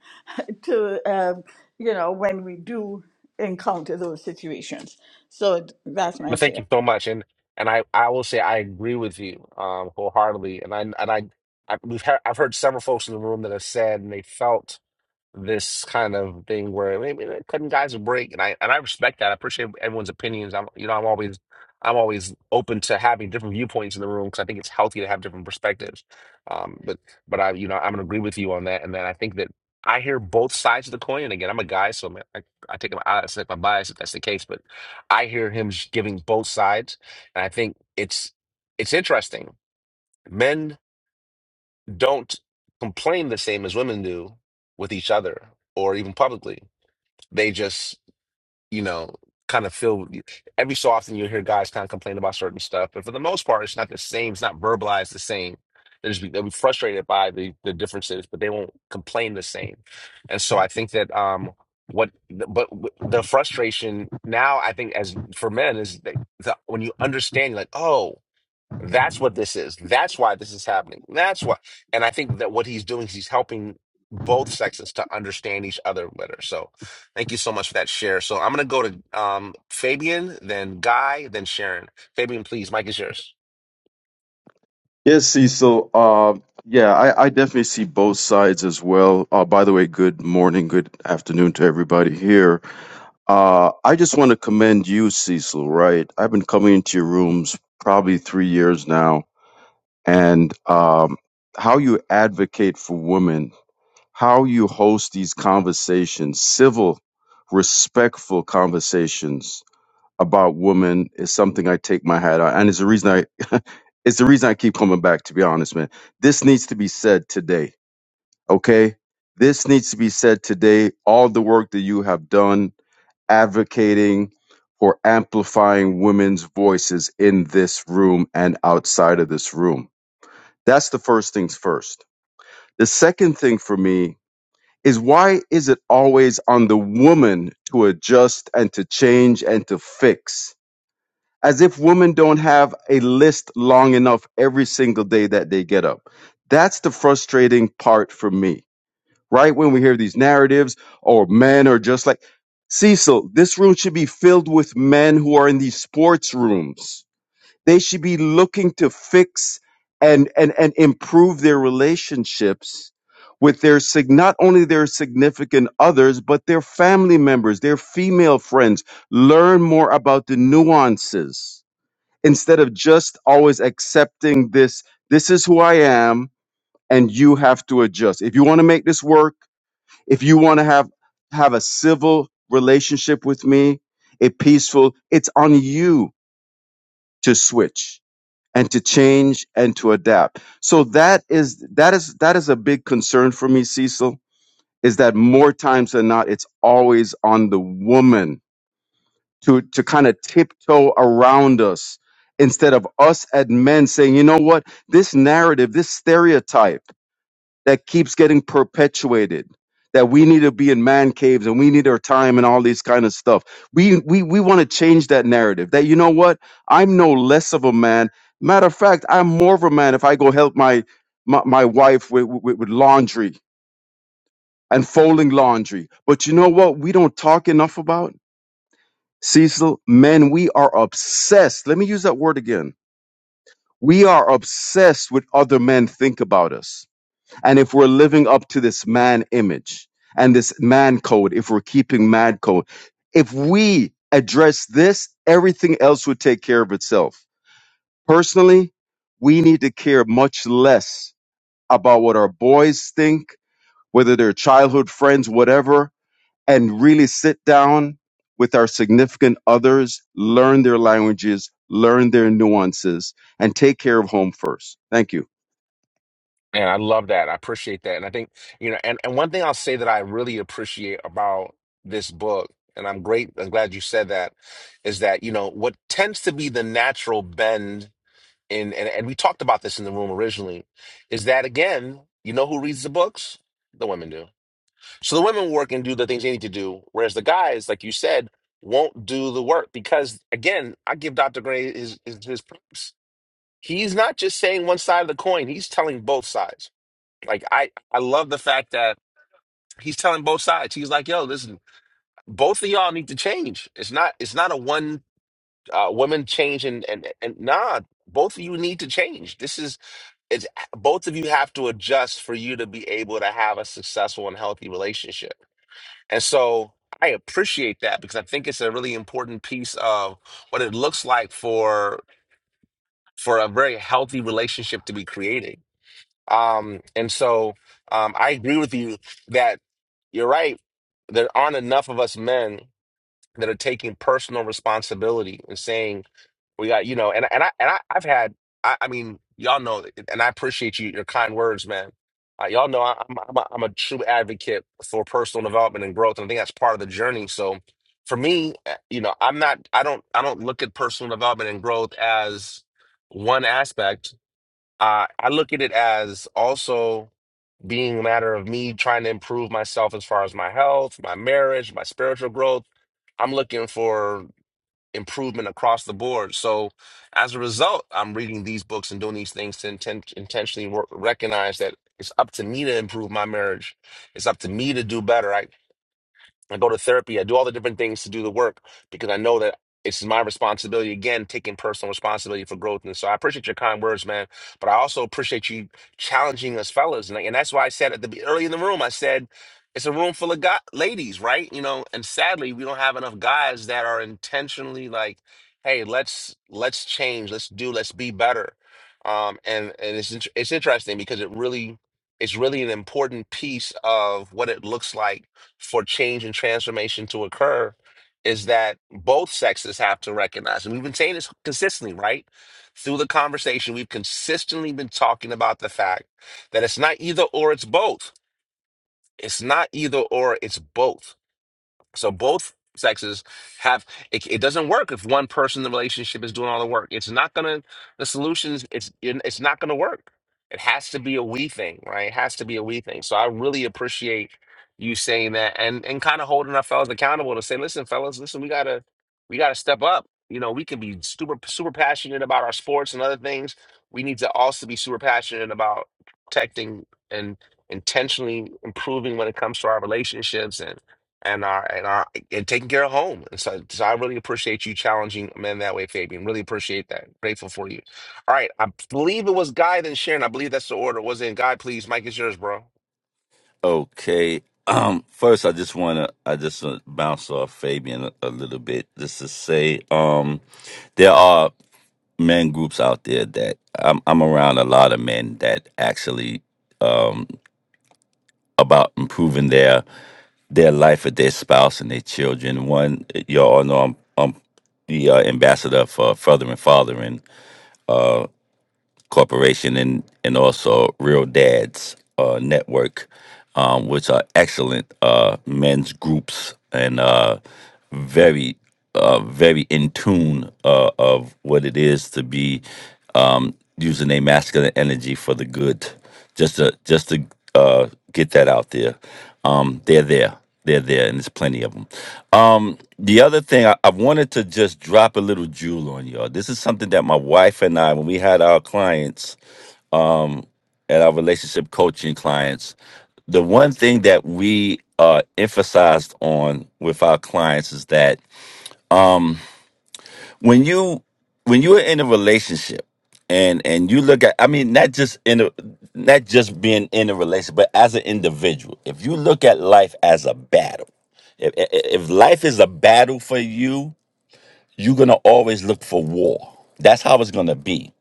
Speaker 6: to um, you know when we do encounter those situations. So that's my
Speaker 1: But thank
Speaker 6: share.
Speaker 1: you so much. And and I, I will say I agree with you um wholeheartedly. And I and I, I we've heard, I've heard several folks in the room that have said and they felt. this kind of thing where maybe they're cutting guys a break, and I and I respect that. I appreciate everyone's opinions. I'm you know I'm always I'm always open to having different viewpoints in the room because I think it's healthy to have different perspectives. Um, but but I you know I'm gonna agree with you on that, and then I think that I hear both sides of the coin. And again, I'm a guy, so man, I, I take my I accept my bias if that's the case. But I hear him sh- giving both sides, and I think it's it's interesting. Men don't complain the same as women do with each other or even publicly. They just, you know, kind of feel every so often you hear guys kind of complain about certain stuff, but for the most part, it's not the same. It's not verbalized the same. They'll just be, they'll be frustrated by the, the differences, but they won't complain the same. And so I think that, um, what, but the frustration now, I think, as for men, is that the, when you understand, you're like, oh, that's what this is. That's why this is happening. That's why. And I think that what he's doing is he's helping both sexes to understand each other better. So thank you so much for that share. So I'm going to go to um, Fabian, then Guy, then Sharon. Fabian, please, Mike is yours.
Speaker 9: Yes, Cecil. Uh, yeah, I, I definitely see both sides as well. Uh, by the way, good morning, good afternoon to everybody here. Uh, I just want to commend you, Cecil. Right, I've been coming into your rooms probably three years now, and um, how you advocate for women how you host these conversations, civil, respectful conversations about women is something I take my hat on. And it's the reason I it's the reason I keep coming back, to be honest, man. This needs to be said today. Okay? This needs to be said today. All the work that you have done advocating for amplifying women's voices in this room and outside of this room. That's the first things first. The second thing for me is why is it always on the woman to adjust and to change and to fix? As if women don't have a list long enough every single day that they get up. That's the frustrating part for me, right? When we hear these narratives or men are just like, Cecil, this room should be filled with men who are in these sports rooms they should be looking to fix and and and improve their relationships with their sig- not only their significant others but their family members, their female friends. Learn more about the nuances instead of just always accepting this. This is who I am, and you have to adjust. If you want to make this work, if you want to have have a civil relationship with me, a peaceful, it's on you to switch and to change and to adapt. So that is that is that is a big concern for me, Cecil, is that more times than not, it's always on the woman to to kind of tiptoe around us instead of us as men saying, you know what, this narrative, this stereotype that keeps getting perpetuated that we need to be in man caves and we need our time and all these kind of stuff we we, we want to change that narrative that you know what i'm no less of a man matter of fact i'm more of a man if i go help my my, my wife with, with, with laundry and folding laundry but you know what we don't talk enough about cecil men we are obsessed let me use that word again we are obsessed with other men think about us And if we're living up to this man image and this man code, if we're keeping man code, if we address this, everything else would take care of itself. Personally, we need to care much less about what our boys think, whether they're childhood friends, whatever, and really sit down with our significant others, learn their languages, learn their nuances, and take care of home first. Thank you.
Speaker 1: And I love that. I appreciate that. And I think, you know, and, and one thing I'll say that I really appreciate about this book, and I'm great, I'm glad you said that, is that, you know, what tends to be the natural bend and, and and we talked about this in the room originally, is that again, you know who reads the books? The women do. So the women work and do the things they need to do, whereas the guys, like you said, won't do the work because again, I give Dr. Gray his his, his props. He's not just saying one side of the coin; he's telling both sides. Like I, I love the fact that he's telling both sides. He's like, "Yo, listen, both of y'all need to change. It's not, it's not a one uh, woman change and and and nah, both of you need to change. This is it's both of you have to adjust for you to be able to have a successful and healthy relationship. And so I appreciate that because I think it's a really important piece of what it looks like for for a very healthy relationship to be created. Um, and so um, I agree with you that you're right. There aren't enough of us men that are taking personal responsibility and saying, we got, you know, and and I and I, I've had, I, I mean, y'all know, and I appreciate you your kind words, man. Uh, y'all know I, I'm I'm a, I'm a true advocate for personal development and growth, and I think that's part of the journey. So for me, uh, you know, I'm not, I don't, I don't look at personal development and growth as one aspect. Uh, I look at it as also being a matter of me trying to improve myself as far as my health, my marriage, my spiritual growth. I'm looking for improvement across the board. So as a result, I'm reading these books and doing these things to inten- intentionally work, recognize that it's up to me to improve my marriage. It's up to me to do better. I. I go to therapy. I do all the different things to do the work because I know that it's my responsibility. Again, taking personal responsibility for growth. And so I appreciate your kind words, man. But I also appreciate you challenging us, fellas. And, I- and that's why I said at the be- early in the room, I said it's a room full of guy, ladies, right? You know, and sadly, we don't have enough guys that are intentionally like, hey, let's let's change, let's do, let's be better. Um, and and it's int- it's interesting because it really it's really an important piece of what it looks like for change and transformation to occur is that both sexes have to recognize. And we've been saying this consistently, right? Through the conversation, we've consistently been talking about the fact that it's not either or, it's both. It's not either or, it's both so both sexes have it, it doesn't work if one person in the relationship is doing all the work. It's not gonna the solutions. It's it's not gonna work. It has to be a we thing, right? It has to be a we thing. So I really appreciate you saying that and and kind of holding our fellas accountable to say, listen, fellas, listen, we gotta we gotta step up. You know, we can be super super passionate about our sports and other things. We need to also be super passionate about protecting and intentionally improving when it comes to our relationships and our and our and taking care of home. And so, so I really appreciate you challenging men that way, Fabian. Really appreciate that. Grateful for you. All right, I believe it was Guy then Sharon. I believe that's the order. Was it Guy? Please, Mike is yours, bro.
Speaker 7: Okay. Um, first, I just wanna I just wanna bounce off Fabian a, a little bit just to say, um, there are men groups out there that I'm, I'm around a lot of men that actually um, about improving their their life with their spouse and their children. One, y'all know I'm, I'm the uh, ambassador for Further and Fathering, Corporation and and also Real Dads uh, Network, um, which are excellent uh, men's groups and uh, very uh, very in tune uh, of what it is to be um, using their masculine energy for the good just to just to uh, get that out there. Um, they're there, they're there, and there's plenty of them. Um, the other thing I, I wanted to just drop a little jewel on y'all. This is something that my wife and I, when we had our clients and our relationship coaching clients, the one thing that we uh, emphasized on with our clients is that when you when you are in a relationship and and you look at i mean not just in a not just being in a relationship but as an individual if you look at life as a battle if, if if life is a battle for you you're gonna always look for war that's how it's gonna be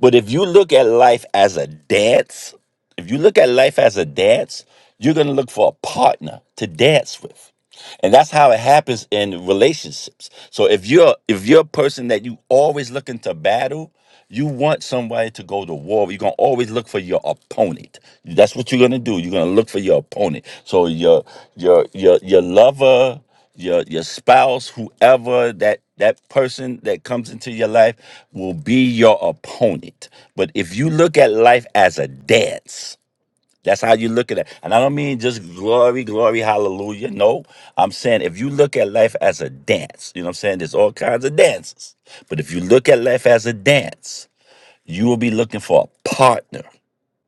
Speaker 7: but if you look at life as a dance if you look at life as a dance you're gonna look for a partner to dance with and that's how it happens in relationships so if you're if you're a person that you always looking to battle you want somebody to go to war you're going to always look for your opponent that's what you're going to do you're going to look for your opponent so your your your your lover your your spouse whoever that that person that comes into your life will be your opponent but if you look at life as a dance that's how you look at it. And I don't mean just glory, glory, hallelujah. No, I'm saying if you look at life as a dance, you know what I'm saying? There's all kinds of dances. But if you look at life as a dance, you will be looking for a partner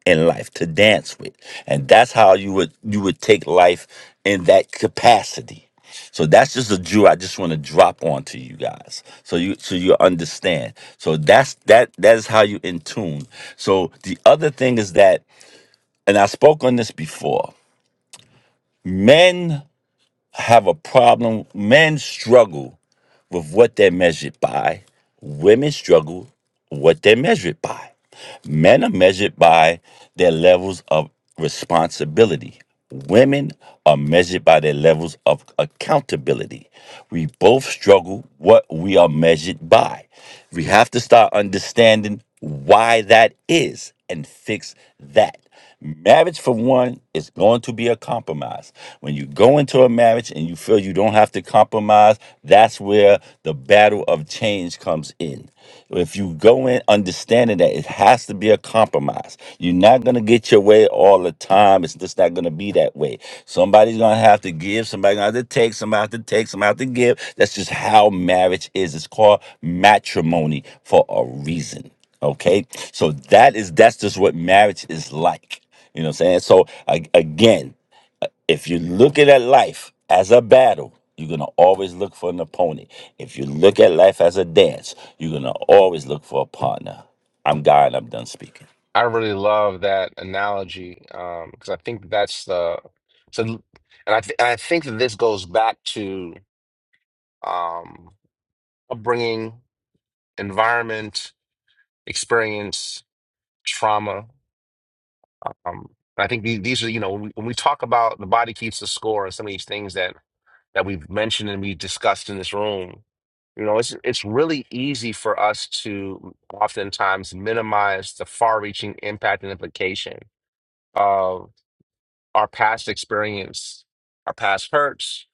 Speaker 7: in life to dance with. And that's how you would you would take life in that capacity. So that's just a jewel I just want to drop on to you guys. So you so you understand. So that's that that is how you in tune. So the other thing is that and I spoke on this before. Men have a problem, men struggle with what they're measured by, women struggle what they're measured by. Men are measured by their levels of responsibility. Women are measured by their levels of accountability. We both struggle what we are measured by. We have to start understanding why that is and fix that. Marriage, for one, is going to be a compromise. When you go into a marriage and you feel you don't have to compromise, that's where the battle of change comes in. If you go in understanding that it has to be a compromise, you're not going to get your way all the time. It's just not going to be that way. Somebody's going to have to give, somebody's going to have to take, somebody have to take, somebody have to give. That's just how marriage is. It's called matrimony for a reason. Okay, so that is that's just what marriage is like. You know what I'm saying? So a- again, uh, if you look at life as a battle, you're gonna always look for an opponent. If you look at life as a dance, you're gonna always look for a partner. I'm God. I'm done speaking.
Speaker 1: I really love that analogy um, because I think that's the so, and I th I think that this goes back to um, upbringing, environment, experience, trauma. Um, I think the- these are you know when we, when we talk about the body keeps the score and some of these things that. that we've mentioned and we've discussed in this room. You know, it's it's really easy for us to oftentimes minimize the far-reaching impact and implication of our past experience, our past hurts,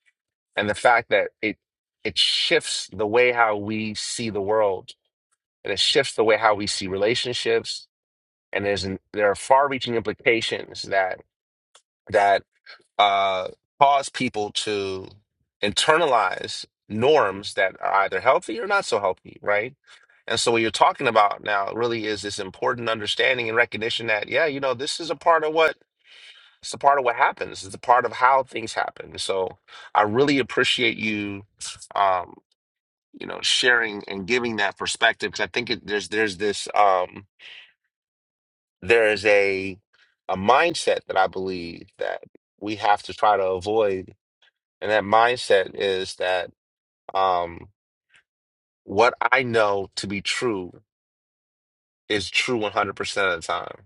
Speaker 1: and the fact that it it shifts the way how we see the world, and it shifts the way how we see relationships. And there's an, there are far-reaching implications that that uh, cause people to internalize norms that are either healthy or not so healthy, right? And so, what you're talking about now really is this important understanding and recognition that, yeah, you know, this is a part of what it's a part of what happens. It's a part of how things happen. So, I really appreciate you, um, you know, sharing and giving that perspective because I think it, there's there's this um, there is a a mindset that I believe that we have to try to avoid and that mindset is that um, what I know to be true is true 100% of the time.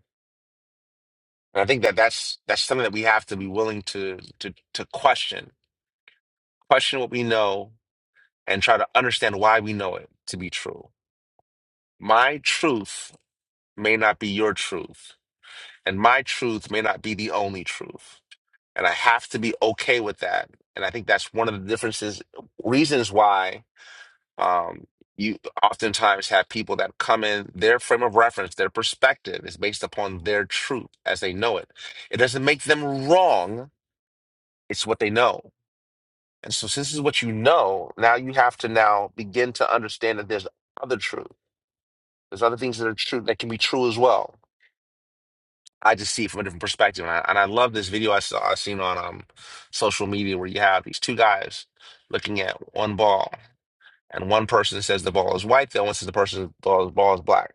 Speaker 1: And I think that that's that's something that we have to be willing to to to question, question what we know, and try to understand why we know it to be true. My truth may not be your truth, and my truth may not be the only truth. And I have to be okay with that. And I think that's one of the differences, reasons why Um, you oftentimes have people that come in, their frame of reference, their perspective is based upon their truth as they know it. It doesn't make them wrong, it's what they know. And so, since this is what you know, now you have to now begin to understand that there's other truth. There's other things that are true that can be true as well. I just see it from a different perspective. And I, and I love this video I saw I seen on um social media where you have these two guys looking at one ball and one person says the ball is white, the other one says the person's ball, ball is black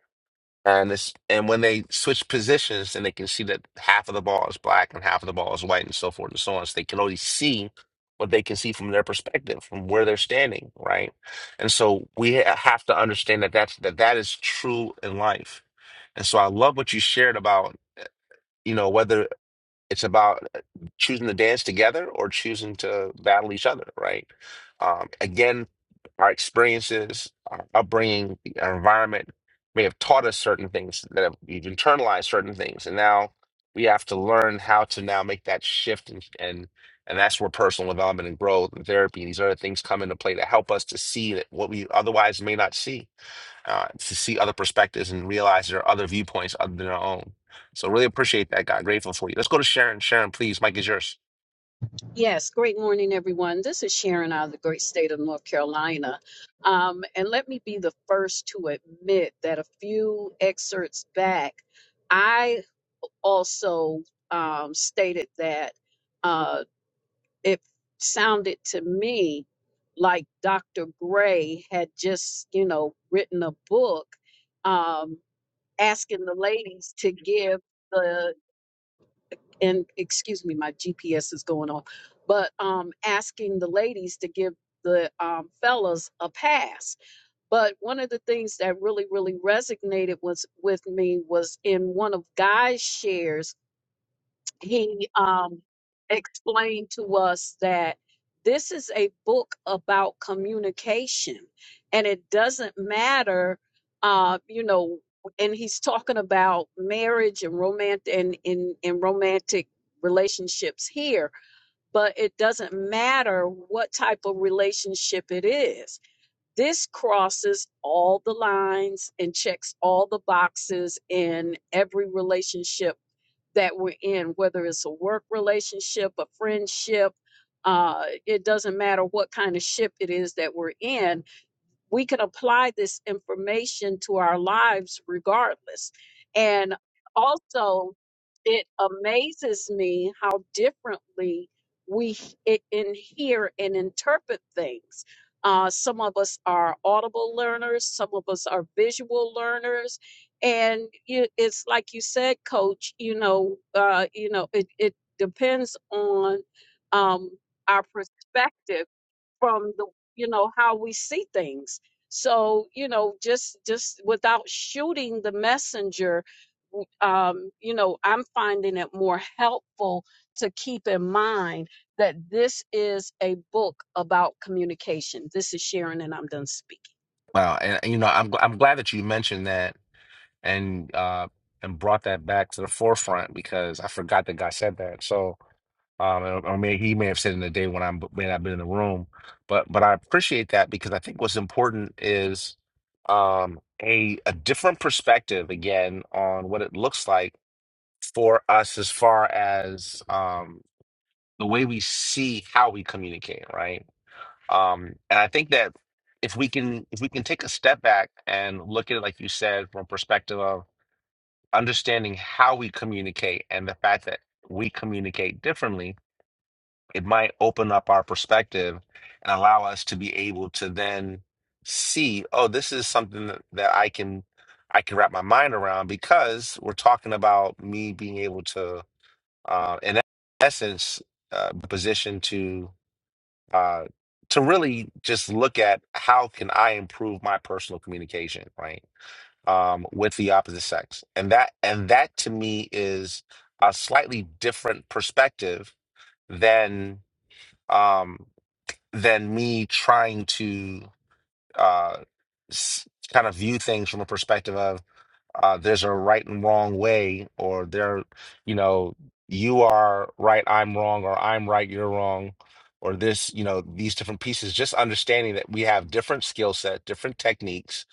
Speaker 1: And this, and when they switch positions, then they can see that half of the ball is black and half of the ball is white, and so forth and so on. So they can only see what they can see from their perspective, from where they're standing, right? And so we ha- have to understand that that's, that that is true in life. And so I love what you shared about, you know, whether it's about uh, choosing to dance together or choosing to battle each other, right? Um, again, our experiences, our upbringing, our environment may have taught us certain things that have, we've internalized certain things, and now we have to learn how to now make that shift, and and and that's where personal development and growth and therapy and these other things come into play to help us to see that what we otherwise may not see uh, to see other perspectives and realize there are other viewpoints other than our own. So really appreciate that, God. Grateful for you. Let's go to Sharon. Sharon, please. Mike is yours.
Speaker 4: Yes, great morning, everyone. This is Sharon out of the Great Stana. Um, and look forward that a few X back, I also um, said uh, it sounded to me like Dr. Gray has, you know, written a book um, after the, and excuse me, my. is going on, but um, asking the ladies to give the um, fellas a pass. But one of the things that really, really resonated was with me was in one of Guy's shares, he um, explained to us that this is a book about communication, and it doesn't matter, uh, you know. And he's talking about marriage and romantic and in, in romantic relationships here but it doesn't matter what type of relationship it is. This crosses all the lines and checks all the boxes in every relationship that we're in, whether it's a work relationship, a friendship. Uh, it doesn't matter what kind of ship it is that we're in we can apply this information to our lives regardless. And also, it amazes me how differently we h- i- in hear and interpret things. Uh, some of us are audible learners, some of us are visual learners, and you, it's like you said, Coach. You know, uh, you know, it, it depends on um, our perspective from the you know how we see things so you know just just without shooting the messenger w- um you know i'm finding it more helpful to keep in mind that this is a book about communication this is sharon and i'm done speaking
Speaker 1: Wow, and and, you know, I'm gl- I'm glad that you mentioned that and uh and brought that back to the forefront because I forgot that God said that. So um, or or may he may have said it in the day when I may not been in the room, but but I appreciate that because I think what's important is um a a different perspective again on what it looks like for us as far as um. the way we see how we communicate, right? Um, and I think that if we can if we can take a step back and look at it, like you said, from a perspective of understanding how we communicate and the fact that we communicate differently, it might open up our perspective and allow us to be able to then see, oh, this is something that, that I can I can wrap my mind around because we're talking about me being able to, uh, in essence, uh, be positioned to uh, to really just look at how can I improve my personal communication, right, um, with the opposite sex, and that and that to me is a slightly different perspective than um, than me trying to uh, s- kind of view things from a perspective of uh, there's a right and wrong way, or there, you know, you are right, I'm wrong, or I'm right, you're wrong, or this, you know, these different pieces. Just understanding that we have different skill set, different techniques,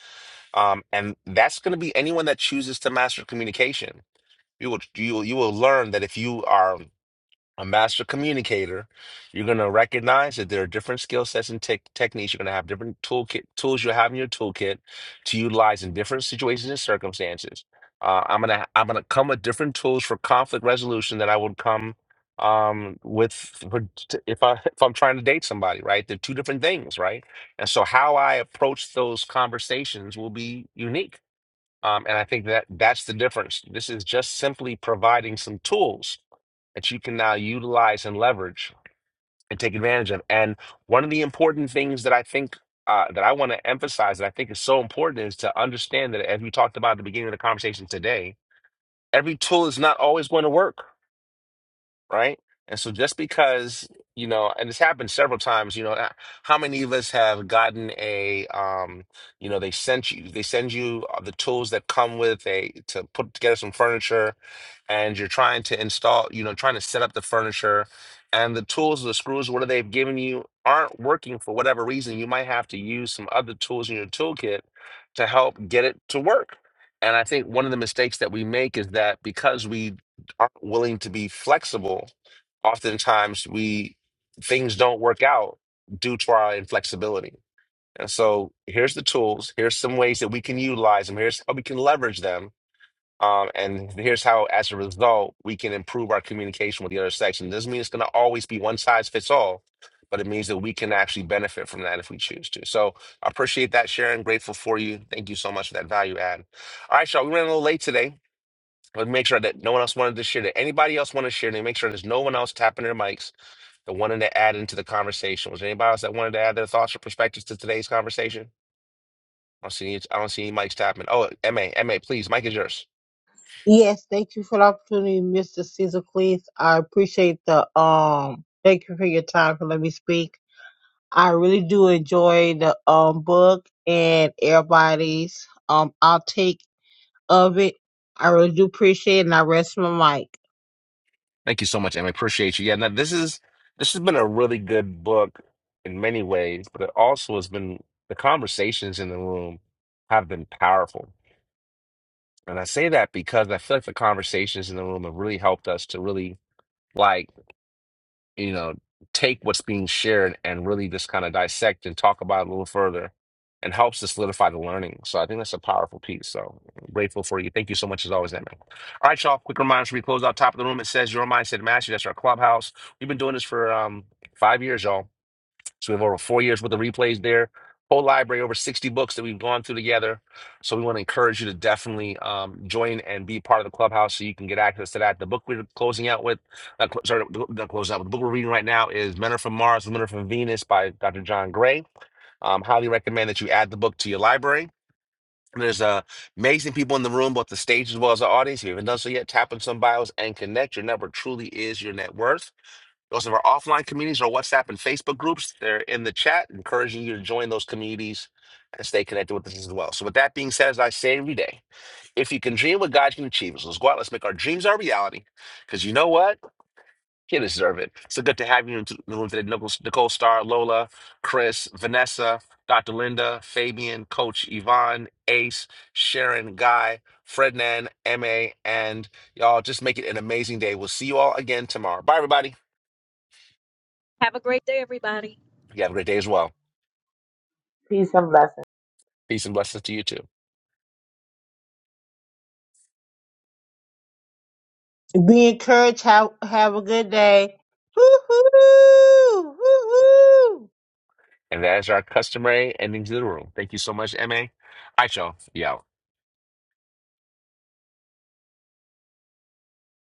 Speaker 1: um, and that's going to be anyone that chooses to master communication. You will, you will, you will learn that if you are a master communicator, you're going to recognize that there are different skill sets and tech techniques. You're going to have different toolkit tools you have in your toolkit to utilize in different situations and circumstances. Uh, I'm gonna I'm gonna come with different tools for conflict resolution that I would come um, with for, if I if I'm trying to date somebody, right? They're two different things, right? And so how I approach those conversations will be unique. Um, and I think that that's the difference. This is just simply providing some tools that you can now utilize and leverage and take advantage of. And one of the important things that I think uh, that I want to emphasize that I think is so important is to understand that, as we talked about at the beginning of the conversation today, every tool is not always going to work right? And so just because, you know, and it's happened several times, you know, uh, how many of us have gotten a um, you know, they sent you they send you uh, the tools that come with a to put together some furniture and you're trying to install, you know, trying to set up the furniture and the tools, the screws, what they've given you aren't working for whatever reason. You might have to use some other tools in your toolkit to help get it to work. And I think one of the mistakes that we make is that because we aren't willing to be flexible, oftentimes we things don't work out due to our inflexibility. And so here's the tools. Here's some ways that we can utilize them. Here's how we can leverage them. Um, and here's how, as a result, we can improve our communication with the other sex. And it doesn't mean it's going to always be one size fits all, but it means that we can actually benefit from that if we choose to. So I appreciate that, Sharon. Grateful for you. Thank you so much for that value add. All right, y'all. We ran a little late today. Let's make sure that no one else wanted to share, that anybody else wanted to share, they make sure there's no one else tapping their mics that wanted to add into the conversation. Was there anybody else that wanted to add their thoughts or perspectives to today's conversation? I don't see any, I don't see any mics tapping. Oh, MA, MA, please, mic is yours.
Speaker 2: Yes, thank you for the opportunity, Mr. Caesar Cleese. I appreciate the um. Thank you for your time for letting me speak. I really do enjoy the um book and everybody's um outtake of it. I really do appreciate it and I rest my mic.
Speaker 1: Thank you so much, Em. I appreciate you. Yeah, now this is this has been a really good book in many ways, but it also has been the conversations in the room have been powerful. And I say that because I feel like the conversations in the room have really helped us to really like you know, take what's being shared and really just kind of dissect and talk about it a little further and helps to solidify the learning. So I think that's a powerful piece. So I'm grateful for you. Thank you so much as always, man. All right, y'all. Quick reminder as we close out top of the room. It says your mindset mastery. That's our clubhouse. We've been doing this for um five years, y'all so we have over four years worth of replays there. Whole library, over 60 books that we've gone through together. So we want to encourage you to definitely um, join and be part of the clubhouse so you can get access to that. The book we're closing out with, uh, cl- sorry, not closing out, but the book we're reading right now is Men Are From Mars, Women Are From Venus by Dr. John Gray. Um, highly recommend that you add the book to your library. And There's uh, amazing people in the room, both the stage as well as the audience. If you haven't done so yet, tap on some bios and connect. Your network truly is your net worth. Those of our offline communities, our WhatsApp and Facebook groups, they're in the chat, encouraging you to join those communities and stay connected with us as well. So, with that being said, as I say every day, if you can dream what God can achieve, so let's go out, let's make our dreams our reality. Because you know what? You deserve it. So good to have you in the room today, Nicole, Nicole Star, Lola, Chris, Vanessa, Dr. Linda, Fabian, Coach Yvonne, Ace, Sharon, Guy, Frednan, MA, and y'all just make it an amazing day. We'll see you all again tomorrow. Bye, everybody.
Speaker 4: have a great
Speaker 1: You have a great day as well.
Speaker 10: Peace and blessings.
Speaker 1: Peace and blessings to you too.
Speaker 2: Be encouraged, have have a good day. Hoo hoo hoo hoo
Speaker 1: And that is our customary ending to the room. Thank you so much, MA. All right, y'all. Yeah.